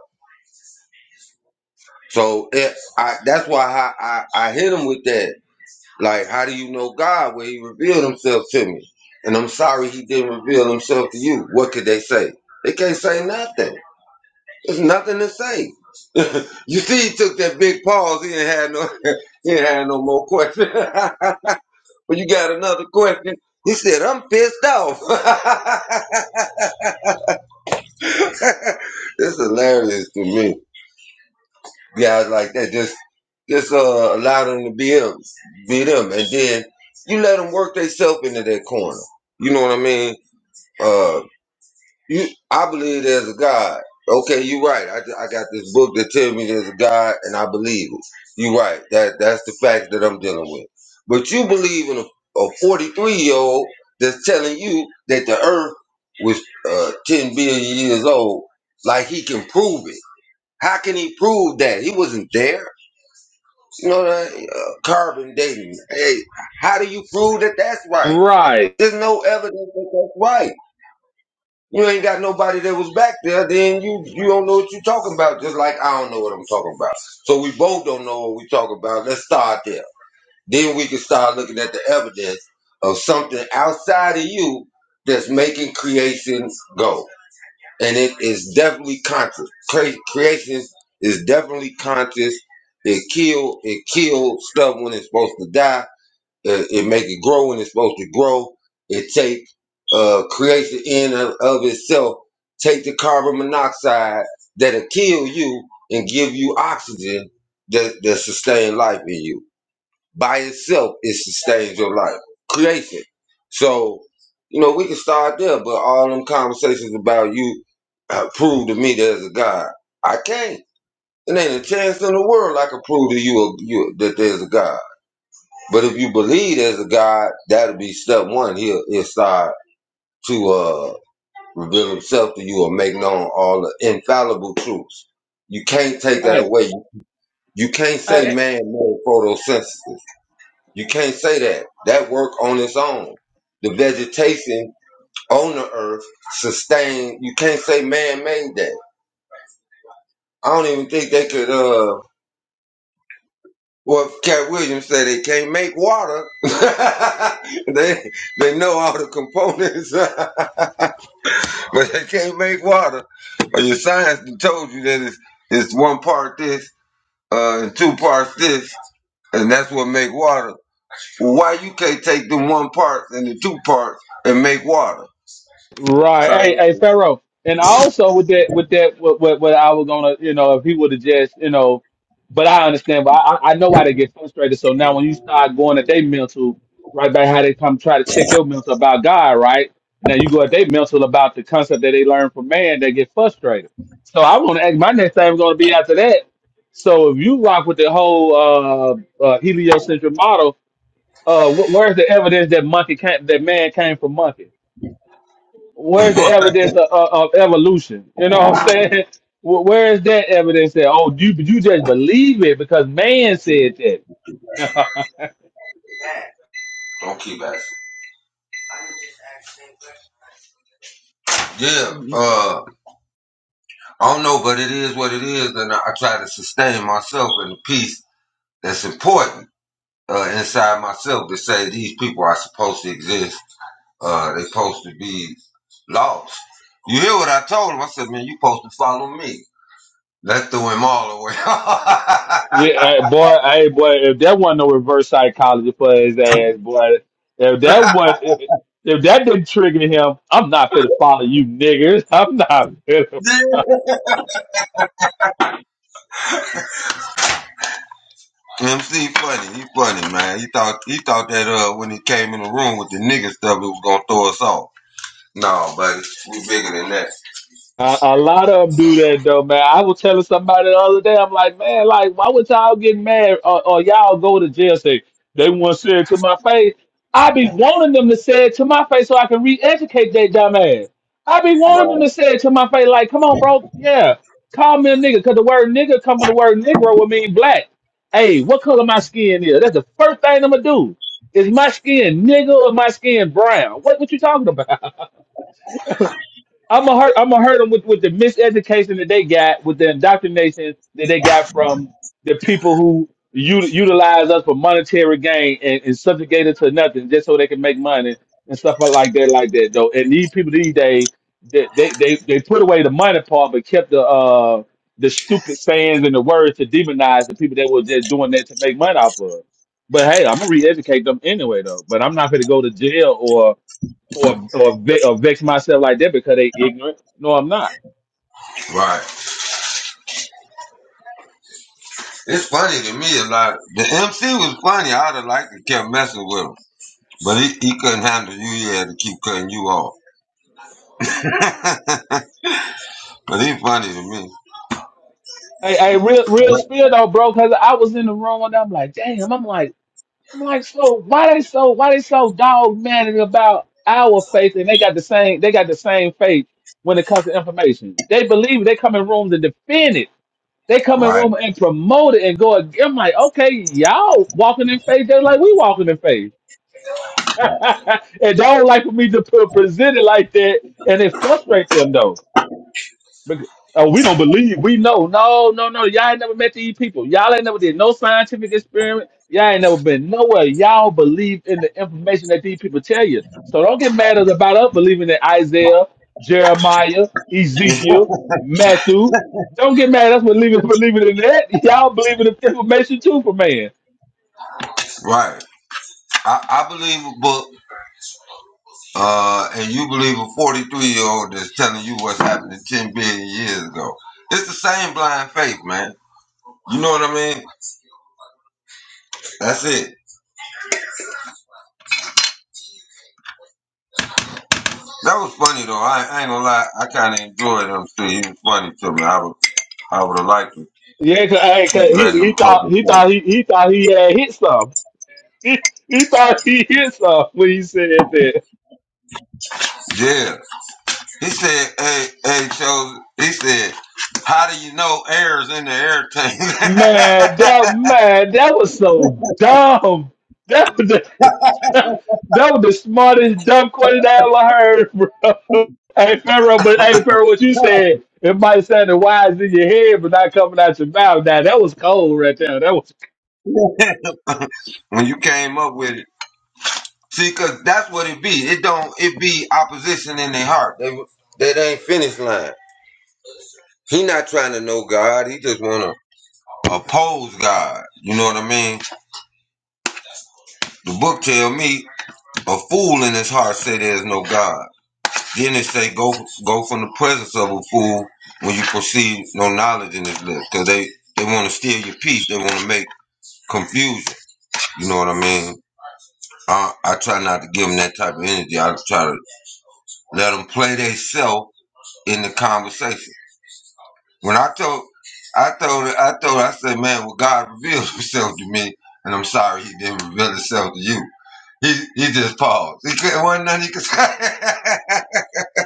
[SPEAKER 1] So it, I, that's why I, I, I hit him with that. Like, how do you know God? Well, He revealed Himself to me, and I'm sorry He didn't reveal Himself to you. What could they say? They can't say nothing. There's nothing to say. you see, he took that big pause. He didn't have no, he didn't have no more questions. Well, you got another question? He said, I'm pissed off. it's hilarious to me. Guys like that just just uh, allow them to be them, be them, and then you let them work themselves into that corner. You know what I mean? Uh. You, I believe there's a God. Okay, you're right. I, I got this book that tells me there's a God, and I believe it. You're right. That that's the fact that I'm dealing with. But you believe in a, a 43 year old that's telling you that the Earth was uh, 10 billion years old, like he can prove it. How can he prove that he wasn't there? You know that uh, carbon dating. Hey, how do you prove that that's right?
[SPEAKER 3] Right.
[SPEAKER 1] There's no evidence that that's right. You ain't got nobody that was back there, then you you don't know what you're talking about, just like I don't know what I'm talking about. So we both don't know what we talk about. Let's start there. Then we can start looking at the evidence of something outside of you that's making creations go. And it is definitely conscious. Cre- creations is definitely conscious. It kill it kills stuff when it's supposed to die it, it make it grow when it's supposed to grow. It take uh creates the end of, of itself. Take the carbon monoxide that'll kill you and give you oxygen that that sustain life in you. By itself, it sustains your life. Creates it. So you know we can start there, but all them conversations about you uh, prove to me there's a God. I can't. It ain't a chance in the world I can prove to you, a, you that there's a God. But if you believe there's a God, that'll be step one. He'll, he'll start to uh, reveal himself to you or make known all the infallible truths. You can't take that
[SPEAKER 3] Hey,
[SPEAKER 1] away. You can't say
[SPEAKER 3] hey,
[SPEAKER 1] man made photosynthesis. You can't say that. That work on its own. The vegetation on the earth sustained. You can't say man made that. I don't even think they could, uh, well, Cat Williams said they can't make water. they, they know all the components. but they can't make water. But your science done told you that it's it's one part this uh, and two parts this, and that's what make water. Well, why you can't take the one part and the two parts and make water?
[SPEAKER 3] Right. Hey,
[SPEAKER 1] Science.
[SPEAKER 3] hey, Pharaoh. And also with that, with that, what, what, what I was gonna, you know, if he would have just, you know, but I understand. But I, I I know why they get frustrated. So now when you start going at their mental, right back how they come try to check your mental about God, right? Now you go at their mental about the concept that they learn from man, they get frustrated. So I want to ask. My next thing is gonna be after that. So if you rock with the whole uh, uh, heliocentric model, uh, wh- where's the evidence that monkey came, that man came from monkey? where's the
[SPEAKER 1] Don't
[SPEAKER 3] evidence of, of, of evolution? You know what I'm saying? Wh- Where is that evidence that oh you you just believe it because man said that?
[SPEAKER 1] keep asking. Yeah, uh, I don't know, but it is what it is, and I, I try to sustain myself in the peace that's important uh, inside myself to say these people are supposed to exist Uh, they supposed to be lost. You hear what I told him? I said, man, you supposed to follow me. That threw him all away.
[SPEAKER 3] yeah, uh, boy, hey boy, if that wasn't no reverse psychology for his ass, boy, if that was if if that didn't trigger him, I'm not gonna follow you niggas. I'm not.
[SPEAKER 1] MC funny, he funny man. He thought he thought that uh when he came in the room with the nigga stuff, it was gonna throw us off. No, buddy, we bigger than that.
[SPEAKER 3] A, a lot of them do that though, man. I was telling somebody the other day, I'm like, man, like, why would y'all get mad or, or y'all go to jail? Say they want to say it to my face. I be wanting them to say it to my face so I can re-educate that dumb ass. I be wanting them
[SPEAKER 1] Right,
[SPEAKER 3] to say it to my face, like, come on, bro, yeah, call me a nigga, cause the word nigga come from the word negro, would mean black. Hey, what color my skin is? That's the first thing I'm gonna do. Is my skin nigga or my skin brown? What what you talking about? I'm gonna hurt. I'm gonna hurt them with, with the miseducation that they got, with the indoctrination that they got from the people who u- utilize us for monetary gain and, and subjugate us to nothing just so they can make money and stuff like like that, like that. Though, and these people these days, they they they, they put away the money part, but kept the uh the stupid sayings and the words to demonize the people that were just doing that to make money off of. us. But hey, I'm gonna re-educate them anyway, though. But I'm not gonna go to jail or or, ve- or vex myself like that because they ignorant. No, I'm not.
[SPEAKER 1] right. It's funny to me a lot. The MC was funny. I'd have liked to kept messing with him, but he, he couldn't handle you. He had to keep cutting you off. but he funny to me.
[SPEAKER 3] Hey, hey, real real spill though, bro. Because I was in the room and I'm like, damn. I'm like, I'm like, so why they so why they so dogmatic about our faith and they got the same they got the same faith when it comes to information. They believe it. they come in rooms and defend it. They come in
[SPEAKER 1] Right,
[SPEAKER 3] room and promote it and go. ag- I'm like, okay, y'all walking in faith just like we walking in faith. and they don't like for me to put, present it like that, and it frustrates them though. Bec- Oh, we don't believe. We know. No, no, no. Y'all ain't never met these people. Y'all ain't never did no scientific experiment. Y'all ain't never been nowhere. Y'all believe in the information that these people tell you. So don't get mad at- about us believing in Isaiah, Jeremiah, Ezekiel, Matthew. Don't get mad at us believing believing in that. Y'all believe in the information too for man.
[SPEAKER 1] right. I, I believe a book, uh, and you believe a 43 year old that's telling you what's happening 10 billion years ago. It's the same blind faith, man. You know what I mean? That's it. That was funny though. I, I ain't gonna lie. I kind of enjoyed him too. He was funny to me. I would, I would have liked to
[SPEAKER 3] Yeah, cause, hey, 'cause
[SPEAKER 1] keep
[SPEAKER 3] he,
[SPEAKER 1] letting
[SPEAKER 3] he
[SPEAKER 1] him talk.
[SPEAKER 3] thought he
[SPEAKER 1] Before.
[SPEAKER 3] thought he, he thought he had hit some. He, he thought he hit some when he said that.
[SPEAKER 1] Yeah. He said, "Hey, hey, chose." He said, "How do you know air's in the air
[SPEAKER 3] Man, that
[SPEAKER 1] tank?"
[SPEAKER 3] man, that was so dumb. That was the, that was the smartest dumb question I ever heard, bro. Hey Pharaoh, but hey Pharaoh, what you said, it might sound wise in your head, but not coming out your mouth. Now that was cold right there. That was
[SPEAKER 1] when you came up with it. See, cause that's what it be. It don't. It be opposition in their heart. They that ain't finish line. He not trying to know God. He just wanna oppose God. You know what I mean? The book tell me a fool in his heart say there's no God. Then it say go go from the presence of a fool when you perceive no knowledge in his lips. Cause they they want to steal your peace. They want to make confusion. You know what I mean? I, I try not to give them that type of energy. I try to let them play they self in the conversation. When I told, I told, her- I told, her, I said, man, well, God revealed Himself to me, and I'm sorry He didn't reveal Himself to you. He he just paused. He couldn't wasn't nothing he could say.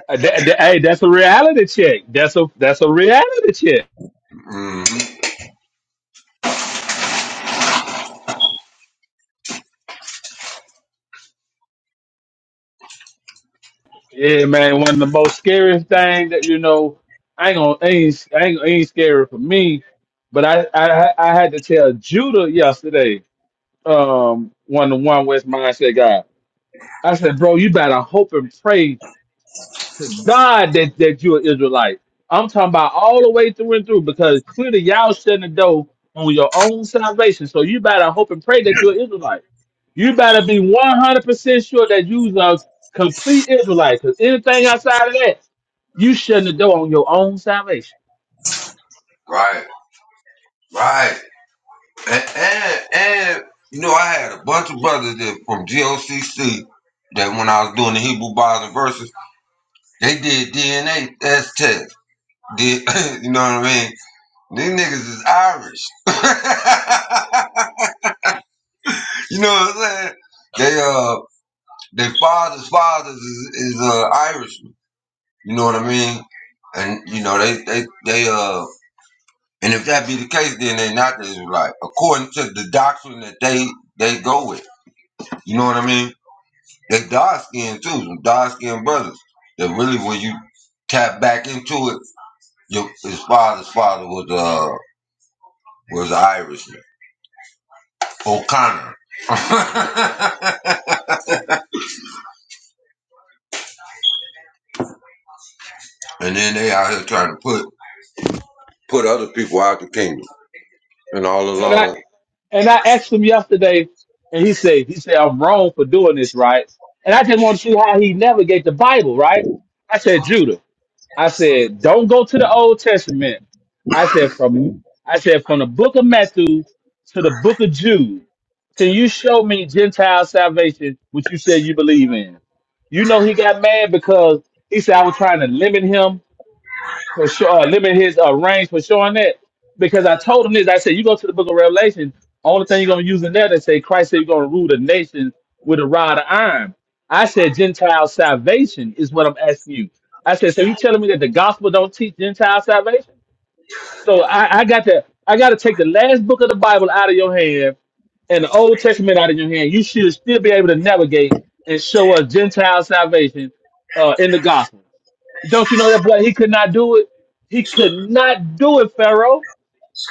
[SPEAKER 3] uh, that, that- hey, that's a reality check. That's a that's a reality check.
[SPEAKER 1] Mhm.
[SPEAKER 3] Yeah, man, one of the most scariest things that you know, I ain't gonna ain't ain't, ain't scary for me. But I, I I had to tell Judah yesterday. um one to one West mindset guy. I said, bro, you better hope and pray to God that, that you're an Israelite. I'm talking about all the way through and through because clearly y'all shutting the door on your own salvation. So you better hope and pray that you're an Israelite. You better be 100% sure that you're a complete Israelite because anything outside of that, you shutting the door on your own salvation.
[SPEAKER 1] Right, right, and, and and you know, I had a bunch of brothers that from GOCC that when I was doing the Hebrew Bibles and verses, they did DNA test tests. Did you know what I mean? These niggas is Irish. you know what I'm saying? They uh. Their father's fathers is, is uh, Irishman. You know what I mean? And you know they they they uh. And if that be the case, then they not the Israelite, according to the doctrine that they they go with. You know what I mean? They dark skinned too, some dark skinned brothers. That really, when you tap back into it, your, his father's father was uh was an Irishman, O'Connor. and then they out here trying to put put other people out the kingdom, and all
[SPEAKER 3] And I
[SPEAKER 1] along.
[SPEAKER 3] and I asked him yesterday, and he said he said I'm wrong for doing this, right? And I just want to see how he navigate the Bible, right? I said Judah. I said don't go to the Old Testament. I said from I said from the book of Matthew to the book of Jude. Can you show me Gentile salvation, which you said you believe in? You know he got mad because he said I was trying to limit him for sure, uh, limit his uh, range for showing that. Because I told him this, I said, you go to the book of Revelation, only thing you're going to use in there, they say Christ said you're going to rule the nations with a rod of iron. I said, Gentile salvation is what I'm asking you. I said, so you telling me that the gospel don't teach Gentile salvation? So I, I got to, I got to take the last book of the Bible out of your hand and the Old Testament out of your hand. You should still be able to navigate and show us Gentile salvation uh, in the gospel. Don't you know that boy? He could not do it. He could not do it, Pharaoh.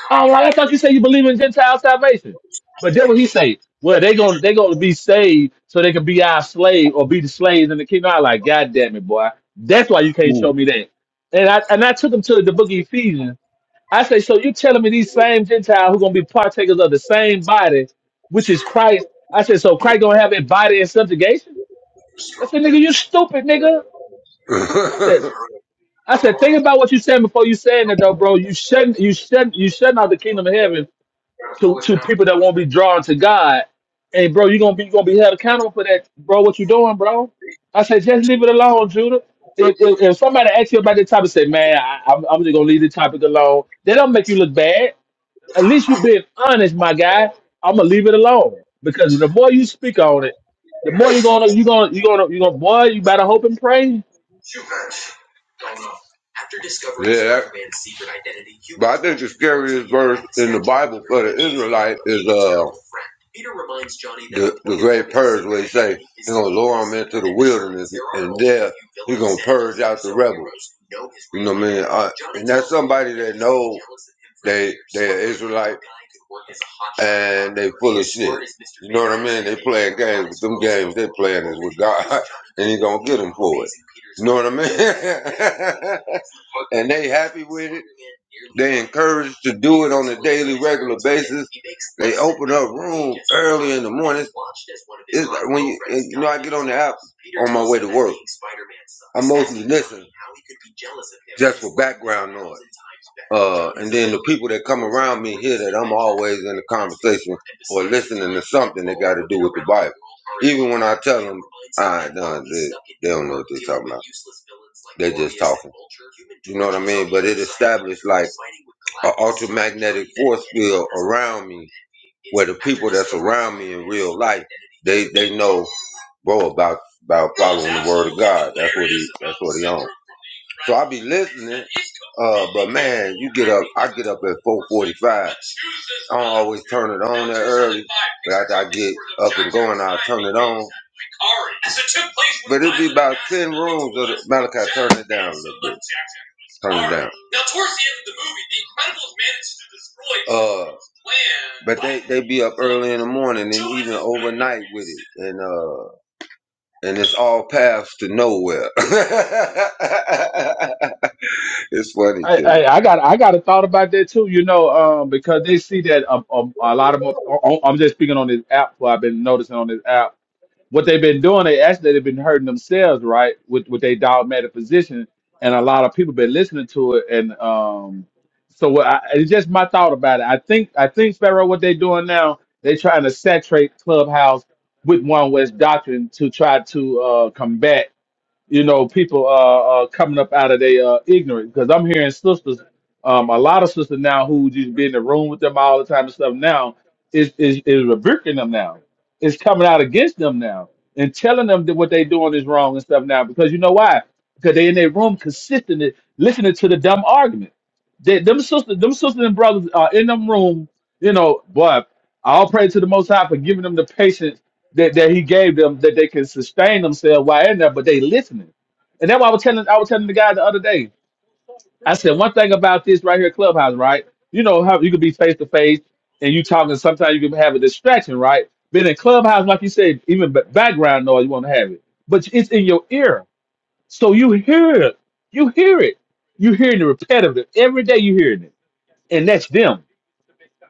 [SPEAKER 3] Oh, like, I thought you said you believe in Gentile salvation. But then what he say? Well, they gonna they gonna be saved so they can be our slave or be the slaves in the kingdom. I like, God damn it, boy. That's why you can't show me that. And I and I took him to the book of Ephesians. I say, so you telling me these same Gentiles who gonna be partakers of the same body, which is Christ. I said, so Christ gonna have a body in subjugation? I said, nigga, you stupid, nigga. I said. I said, think about what you said before you saying that though, bro. You shouldn't you shouldn't you shutting out the kingdom of heaven to, to people that won't be drawn to God. And bro, you're gonna be you gonna be held accountable for that, bro. What you doing, bro? I said, just leave it alone, Judah. If, if, if somebody asks you about the topic, say, man, I, I'm, I'm just gonna leave the topic alone. They don't make you look bad. At least you're being honest, my guy. I'm gonna leave it alone because the more you speak on it, the more you're gonna you're gonna you're gonna you're gonna boy, you better hope and pray.
[SPEAKER 1] what I mean? and they happy with it. They encouraged to do it on a daily, regular basis. They open up room early in the morning. It's like when you, and, you know, I get on the app on my way to work. I mostly listen just for background noise. Uh, and then the people that come around me hear that I'm always in a conversation or listening to something that got to do with the Bible. Even when I tell them, ah, no, they, they don't know what they're talking about. They're just talking. You know what I mean? But it established like an ultramagnetic force field around me where the people that's around me in real life, they, they know bro about about following the word of God. That's what he that's what he on. So I be listening, uh, but man, you get up. I get up at four forty-five. I don't always turn it on that early, but after I get up and going, I will turn it on. But it'd be about ten rooms of the Malachi. Turn it down a little bit. Turn it down. Now, towards the end of the movie, the Incredibles managed to destroy uh, but they they be up early in the morning and even overnight with it, and uh and it's all paths to nowhere. it's funny
[SPEAKER 3] I,
[SPEAKER 1] to
[SPEAKER 3] I, I got I got a thought about that too, you know, um, because they see that a, a, a lot of them. oh, oh, I'm just speaking on this app. What I've been noticing on this app, what they've been doing, they actually they've been hurting themselves, right, with with their dogmatic position, and a lot of people been listening to it, and um, so what I, it's just my thought about it. I think I think Sparrow, what they're doing now, they're trying to saturate Clubhouse with One West doctrine to try to uh, combat you know, people uh, uh coming up out of their uh, ignorance because I'm hearing sisters, um, a lot of sisters now who just be in the room with them all the time and stuff. Now is is is rebuking them now. It's coming out against them now and telling them that what they doing is wrong and stuff now because you know why? Because they in their room consistently listening to the dumb argument. They, them sisters, them sisters and brothers are in them room. You know, boy, I'll pray to the Most High for giving them the patience that, that he gave them that they can sustain themselves while in there, but they listening. And that's why I was telling I was telling the guy the other day. I said one thing about this right here, clubhouse, right? You know how you could be face to face and you talking. Sometimes you can have a distraction, right? But in clubhouse, like you said, even ba- background noise, you won't have it. But it's in your ear, so you hear it. You hear it. You hearing it repetitive every day. You hearing it, and that's them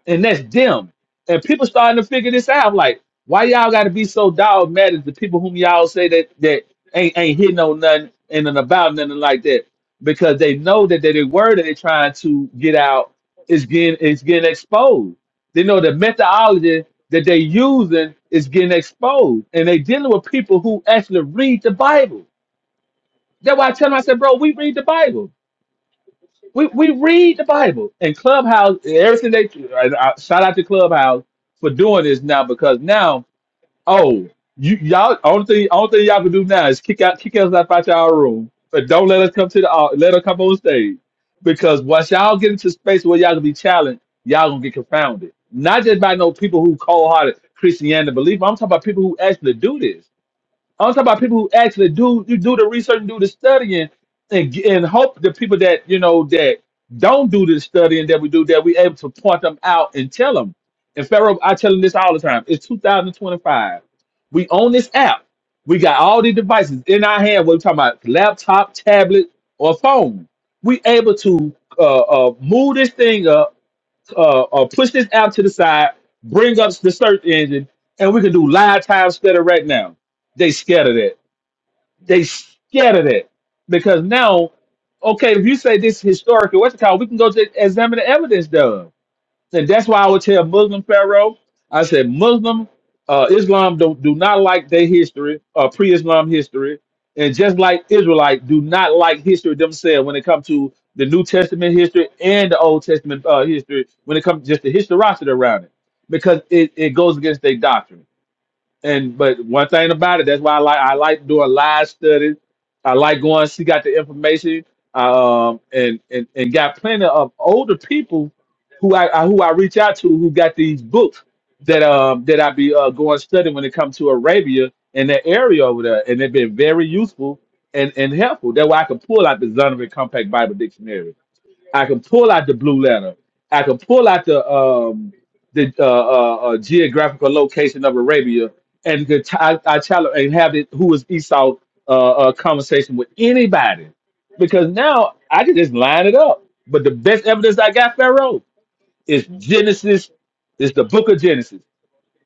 [SPEAKER 3] and that's them. And people starting to figure this out. Like, why y'all got to be so dogmatic? to people whom y'all say that that ain't ain't hitting on nothing and then about nothing like that, because they know that the word that they're trying to get out is getting is getting exposed. They know the methodology that they using is getting exposed, and they dealing with people who actually read the Bible. That's why I tell them, I said, bro, we read the Bible we we read the Bible and Clubhouse everything they and I, shout out to Clubhouse for doing this now because now oh you y'all only thing only thing y'all can do now is kick out kick us out out y'all room but don't let us come to the au- let us come on stage because once y'all get into space where y'all gonna be challenged y'all gonna get confounded not just by no people who cold hearted Christianity believe I'm talking about people who actually do this I'm talking about people who actually do you do the research and do the studying and g- and hope the people that you know that don't do the studying that we do that we able to point them out and tell them. And Pharaoh, I tell them this all the time. It's 2025. We own this app. We got all these devices in our hand. We're talking about laptop, tablet, or phone. We able to uh, uh, move this thing up uh, uh, push this app to the side, bring up the search engine, and we can do live time study right now. They scared of that. They scared of that because now, okay, if you say this historical, what's it called? We can go to examine the evidence, done. So that's why I would tell Muslim Pharaoh, I said Muslim uh, Islam do, do not like their history, uh, pre-Islam history, and just like Israelite do not like history themselves when it comes to the New Testament history and the Old Testament uh, history when it comes just the historicity around it because it, it goes against their doctrine. And but one thing about it, that's why I like I like doing live studies. I like going. She got the information, uh, um, and and and got plenty of older people who I, I who I reach out to who got these books that um that I be uh, going studying when it comes to Arabia and that area over there, and they've been very useful and and helpful. That's why I can pull out the Zonovan Compact Bible Dictionary I can pull out the blue letter. I can pull out the um, the uh, uh, uh, geographical location of Arabia, and the ch- I, I challenge and have it who is Esau uh, uh, conversation with anybody, because now I can just line it up. But the best evidence I got, Pharaoh, is Genesis. Is the book of Genesis.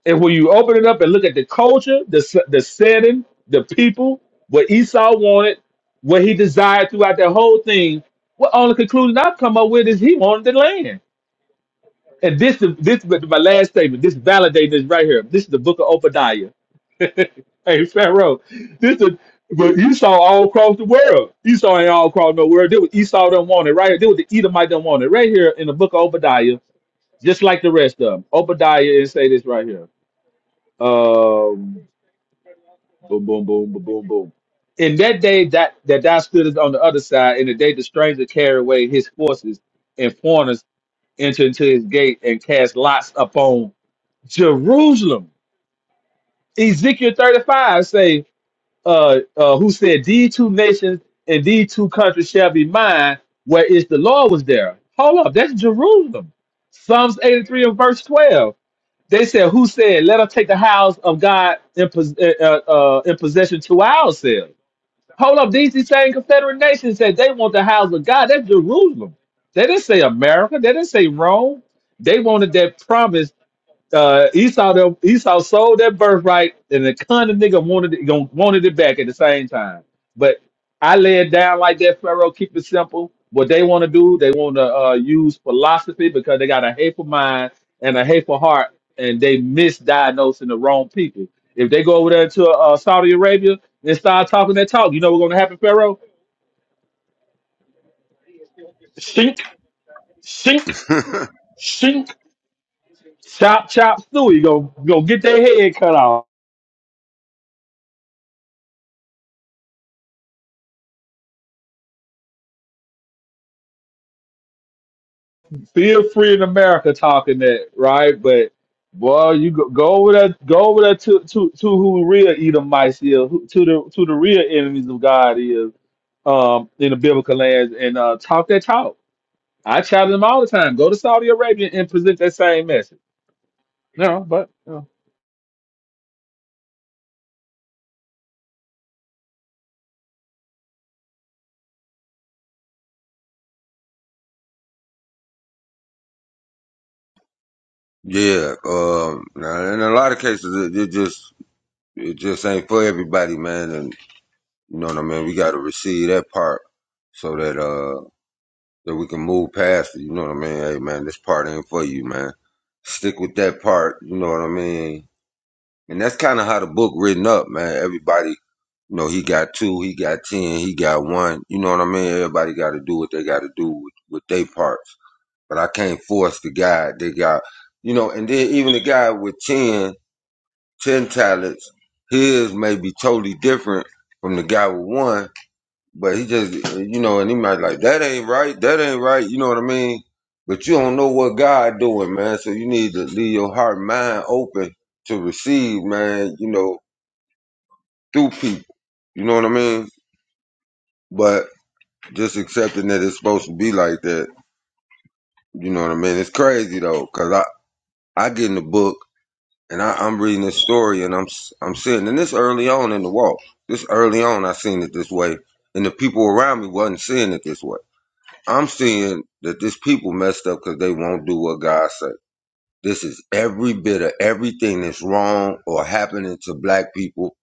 [SPEAKER 3] And when you open it up and look at the culture, the s- the setting, the people, what Esau wanted, what he desired throughout that whole thing, what only conclusion I've come up with is he wanted the land. And this is this is my last statement. This validates this right here. This is the book of Obadiah. hey Pharaoh, this is but Esau all across the world. Esau ain't all across no world. This was Esau don't want it right here. This was the Edomite don't want it right here in the book of Obadiah, just like the rest of them. Obadiah and say this right here. Um, Boom, boom, boom, boom, boom, boom. In that day that that thou stoodest on the other side, in the day the stranger carried away his forces and foreigners entered into his gate and cast lots upon Jerusalem. Ezekiel 35 say, uh, uh, who said, These two nations and these two countries shall be mine, where is the Lord was there. Hold up, that's Jerusalem. Psalms 83 and verse 12. They said, Who said, Let us take the house of God in, pos- uh, uh, uh, in possession to ourselves? Hold up, these these same Confederate nations said they want the house of God. That's Jerusalem. They didn't say America. They didn't say Rome. They wanted that promise uh, Esau the, Esau sold that birthright, and the kind of nigga wanted it gon- wanted it back at the same time. But I lay it down like that, Pharaoh. Keep it simple. What they want to do, they want to uh, use philosophy because they got a hateful mind and a hateful heart, and they misdiagnosing the wrong people. If they go over there to uh, Saudi Arabia and start talking that talk, you know what's going to happen, Pharaoh? Shink, shink,
[SPEAKER 1] me.
[SPEAKER 3] shink, chop, chop, suey. Go, go get their head cut off. feel free in America talking that, right? But boy, you go, go over there, go over there to to to who real Edomites is, who, to the to the real enemies of God is, um, in the biblical lands, and uh, talk that talk. I challenge them all the time. Go to Saudi Arabia and present that same message. No, but
[SPEAKER 1] yeah, um, now, in a lot of cases, it, it just it just ain't for everybody, man. And you know what I mean. We got to receive that part so that uh that we can move past it. You know what I mean? Hey, man, this part ain't for you, man. Stick with that part. You know what I mean? And that's kind of how the book written up, man. Everybody No, he got two, he got ten, he got one. You know what I mean? Everybody got to do what they got to do with, with their parts. But I can't force the guy that got, you know, and then even the guy with 10, 10 talents, his may be totally different from the guy with one, but he just, you know, and he might like, that ain't right, that ain't right, you know what I mean? But you don't know what God doing, man. So you need to leave your heart and mind open to receive, man, you know, through people. You know what I mean? But just accepting that it's supposed to be like that. You know what I mean? It's crazy though, cause I I get in the book and I, I'm reading this story and I'm s- I'm sitting and this early on in the walk. This early on, I seen it this way, and the people around me wasn't seeing it this way. I'm seeing that this people messed up because they won't do what God say. This is every bit of everything that's wrong or happening to black people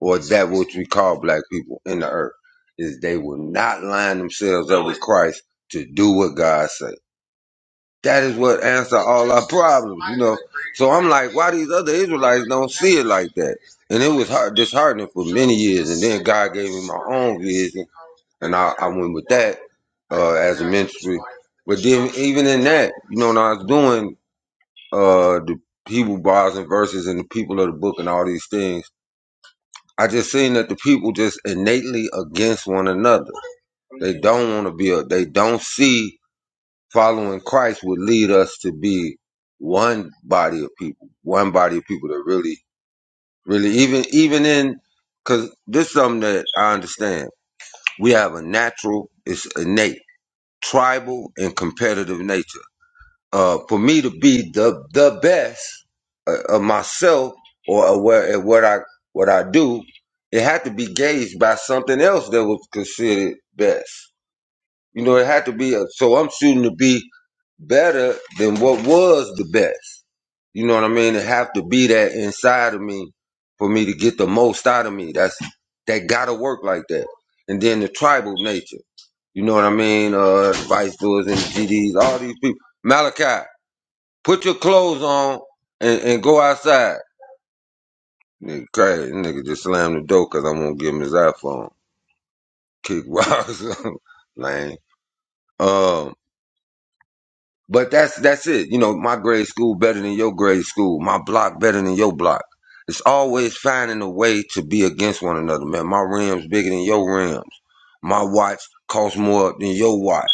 [SPEAKER 1] or that which we call black people in the earth is they will not line themselves up with Christ to do what God say. That is what answer all our problems, you know. So I'm like, why these other Israelites don't see it like that? And it was hard, disheartening for many years. And then God gave me my own vision, and I, I went with that uh, as a ministry. But then even in that, you know, when I was doing uh, the Hebrew bars and verses and the people of the book and all these things, I just seen that the people just innately against one another. They don't want to build. They don't see following Christ would lead us to be one body of people, one body of people that really, really, even, even in, cause this is something that I understand. We have a natural, it's innate, tribal and competitive nature. Uh, for me to be the, the best uh, of myself or aware of at what I, what I do, it had to be gauged by something else that was considered best. You know, it had to be a, so I'm shooting to be better than what was the best. You know what I mean? It have to be that inside of me for me to get the most out of me. That's that gotta work like that. And then the tribal nature. You know what I mean? Uh vice doors and GDs, all these people. Malachi, put your clothes on and, and go outside. Nigga crazy. Nigga just slammed the door because I'm gonna give him his iPhone. Kick rocks. Lame. Um But that's that's it. You know, my grade school better than your grade school. My block better than your block. It's always finding a way to be against one another, man. My rims bigger than your rims. My watch costs more than your watch.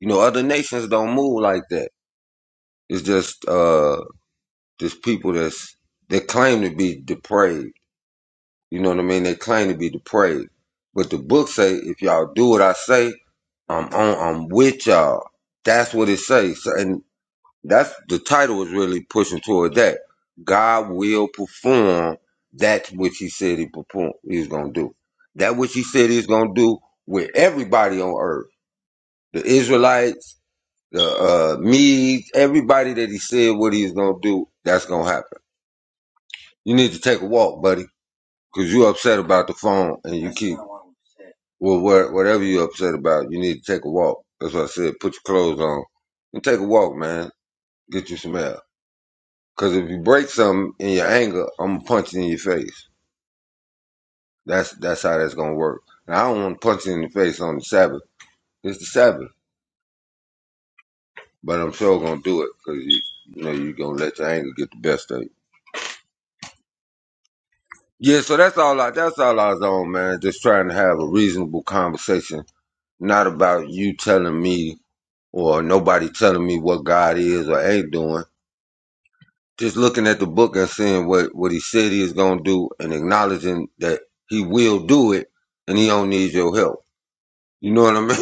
[SPEAKER 1] You know, other nations don't move like that. It's just uh just people that's that claim to be depraved. You know what I mean? They claim to be depraved. But the book say if y'all do what I say, I'm on I'm with y'all. That's what it says. That's the title is really pushing toward that. God will perform that which He said He perform He was gonna do. That which He said He was gonna do with everybody on earth, the Israelites, the uh, Medes, everybody that He said what He was gonna do. That's gonna happen. You need to take a walk, buddy, because you're upset about the phone and you keep well, what, whatever you're upset about. You need to take a walk. That's what I said. Put your clothes on and take a walk, man. Get you some air. Because if you break something in your anger, I'm gonna punch it in your face. That's that's how that's gonna work. And I don't want to punch it in the face on the Sabbath. It's the Sabbath, but I'm sure gonna do it because you you know you're gonna let your anger get the best of you. Yeah, so that's all I that's all I was on, man. Just trying to have a reasonable conversation, not about you telling me or nobody telling me what God is or ain't doing. Just looking at the book and seeing what what He said He is gonna do, and acknowledging that He will do it, and He don't need your help. You know what I mean?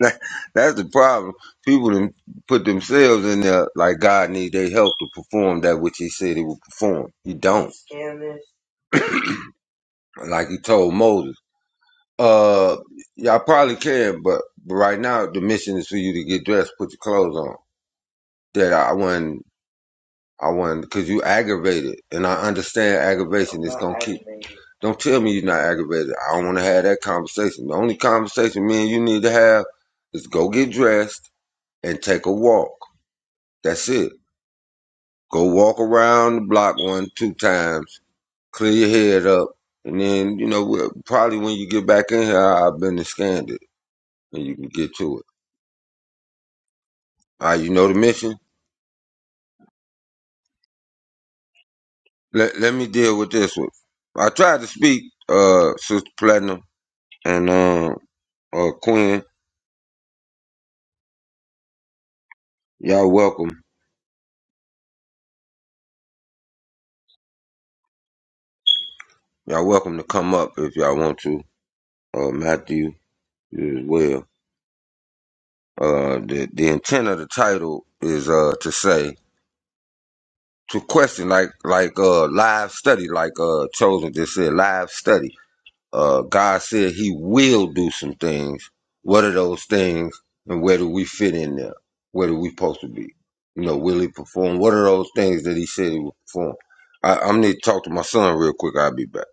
[SPEAKER 1] that, that's the problem. People them put themselves in there like God need their help to perform that which He said He would perform. He don't. Like He told Moses, uh, y'all probably can, but, but right now the mission is for you to get dressed, put your clothes on. That I wasn't, I wasn't, cause you aggravated, and I understand aggravation is gonna keep. Don't tell me you're not aggravated. I don't want to have that conversation. The only conversation me and you need to have is go get dressed and take a walk. That's it. Go walk around the block one, two times, clear your head up, and then you know we'll- probably when you get back in here, I've been and scanned it, and you can get to it. All right, you know the mission. Let let me deal with this one. I tried to speak, uh, Sister Platinum and um, uh, Quinn. Y'all welcome. Y'all welcome to come up if y'all want to. Uh, Matthew as well. Uh, the the intent of the title is uh to say to question like like uh live study like uh chosen just said live study uh god said he will do some things what are those things and where do we fit in there where do we supposed to be you know will he perform what are those things that he said he would perform I, i'm need to talk to my son real quick i'll be back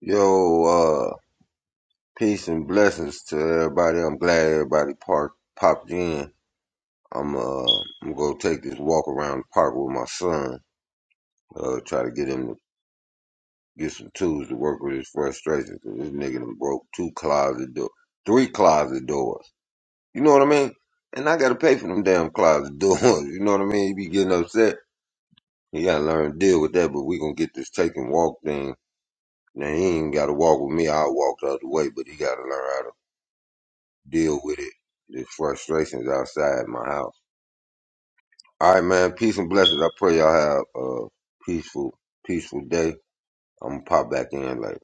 [SPEAKER 1] yo uh peace and blessings to everybody i'm glad everybody park, popped in i'm uh i'm gonna go take this walk around the park with my son uh try to get him to get some tools to work with his frustration. 'cause this nigga done broke two closet doors, three closet doors. You know what I mean? And I gotta pay for them damn closet doors. You know what I mean? He be getting upset. He gotta learn to deal with that. But we gonna get this take and walk thing. Now he ain't gotta walk with me. I'll walk the other way. But he gotta learn how to deal with it. The frustrations outside my house. All right, man. Peace and blessings. I pray y'all have a peaceful, peaceful day. I'm gonna pop back in later.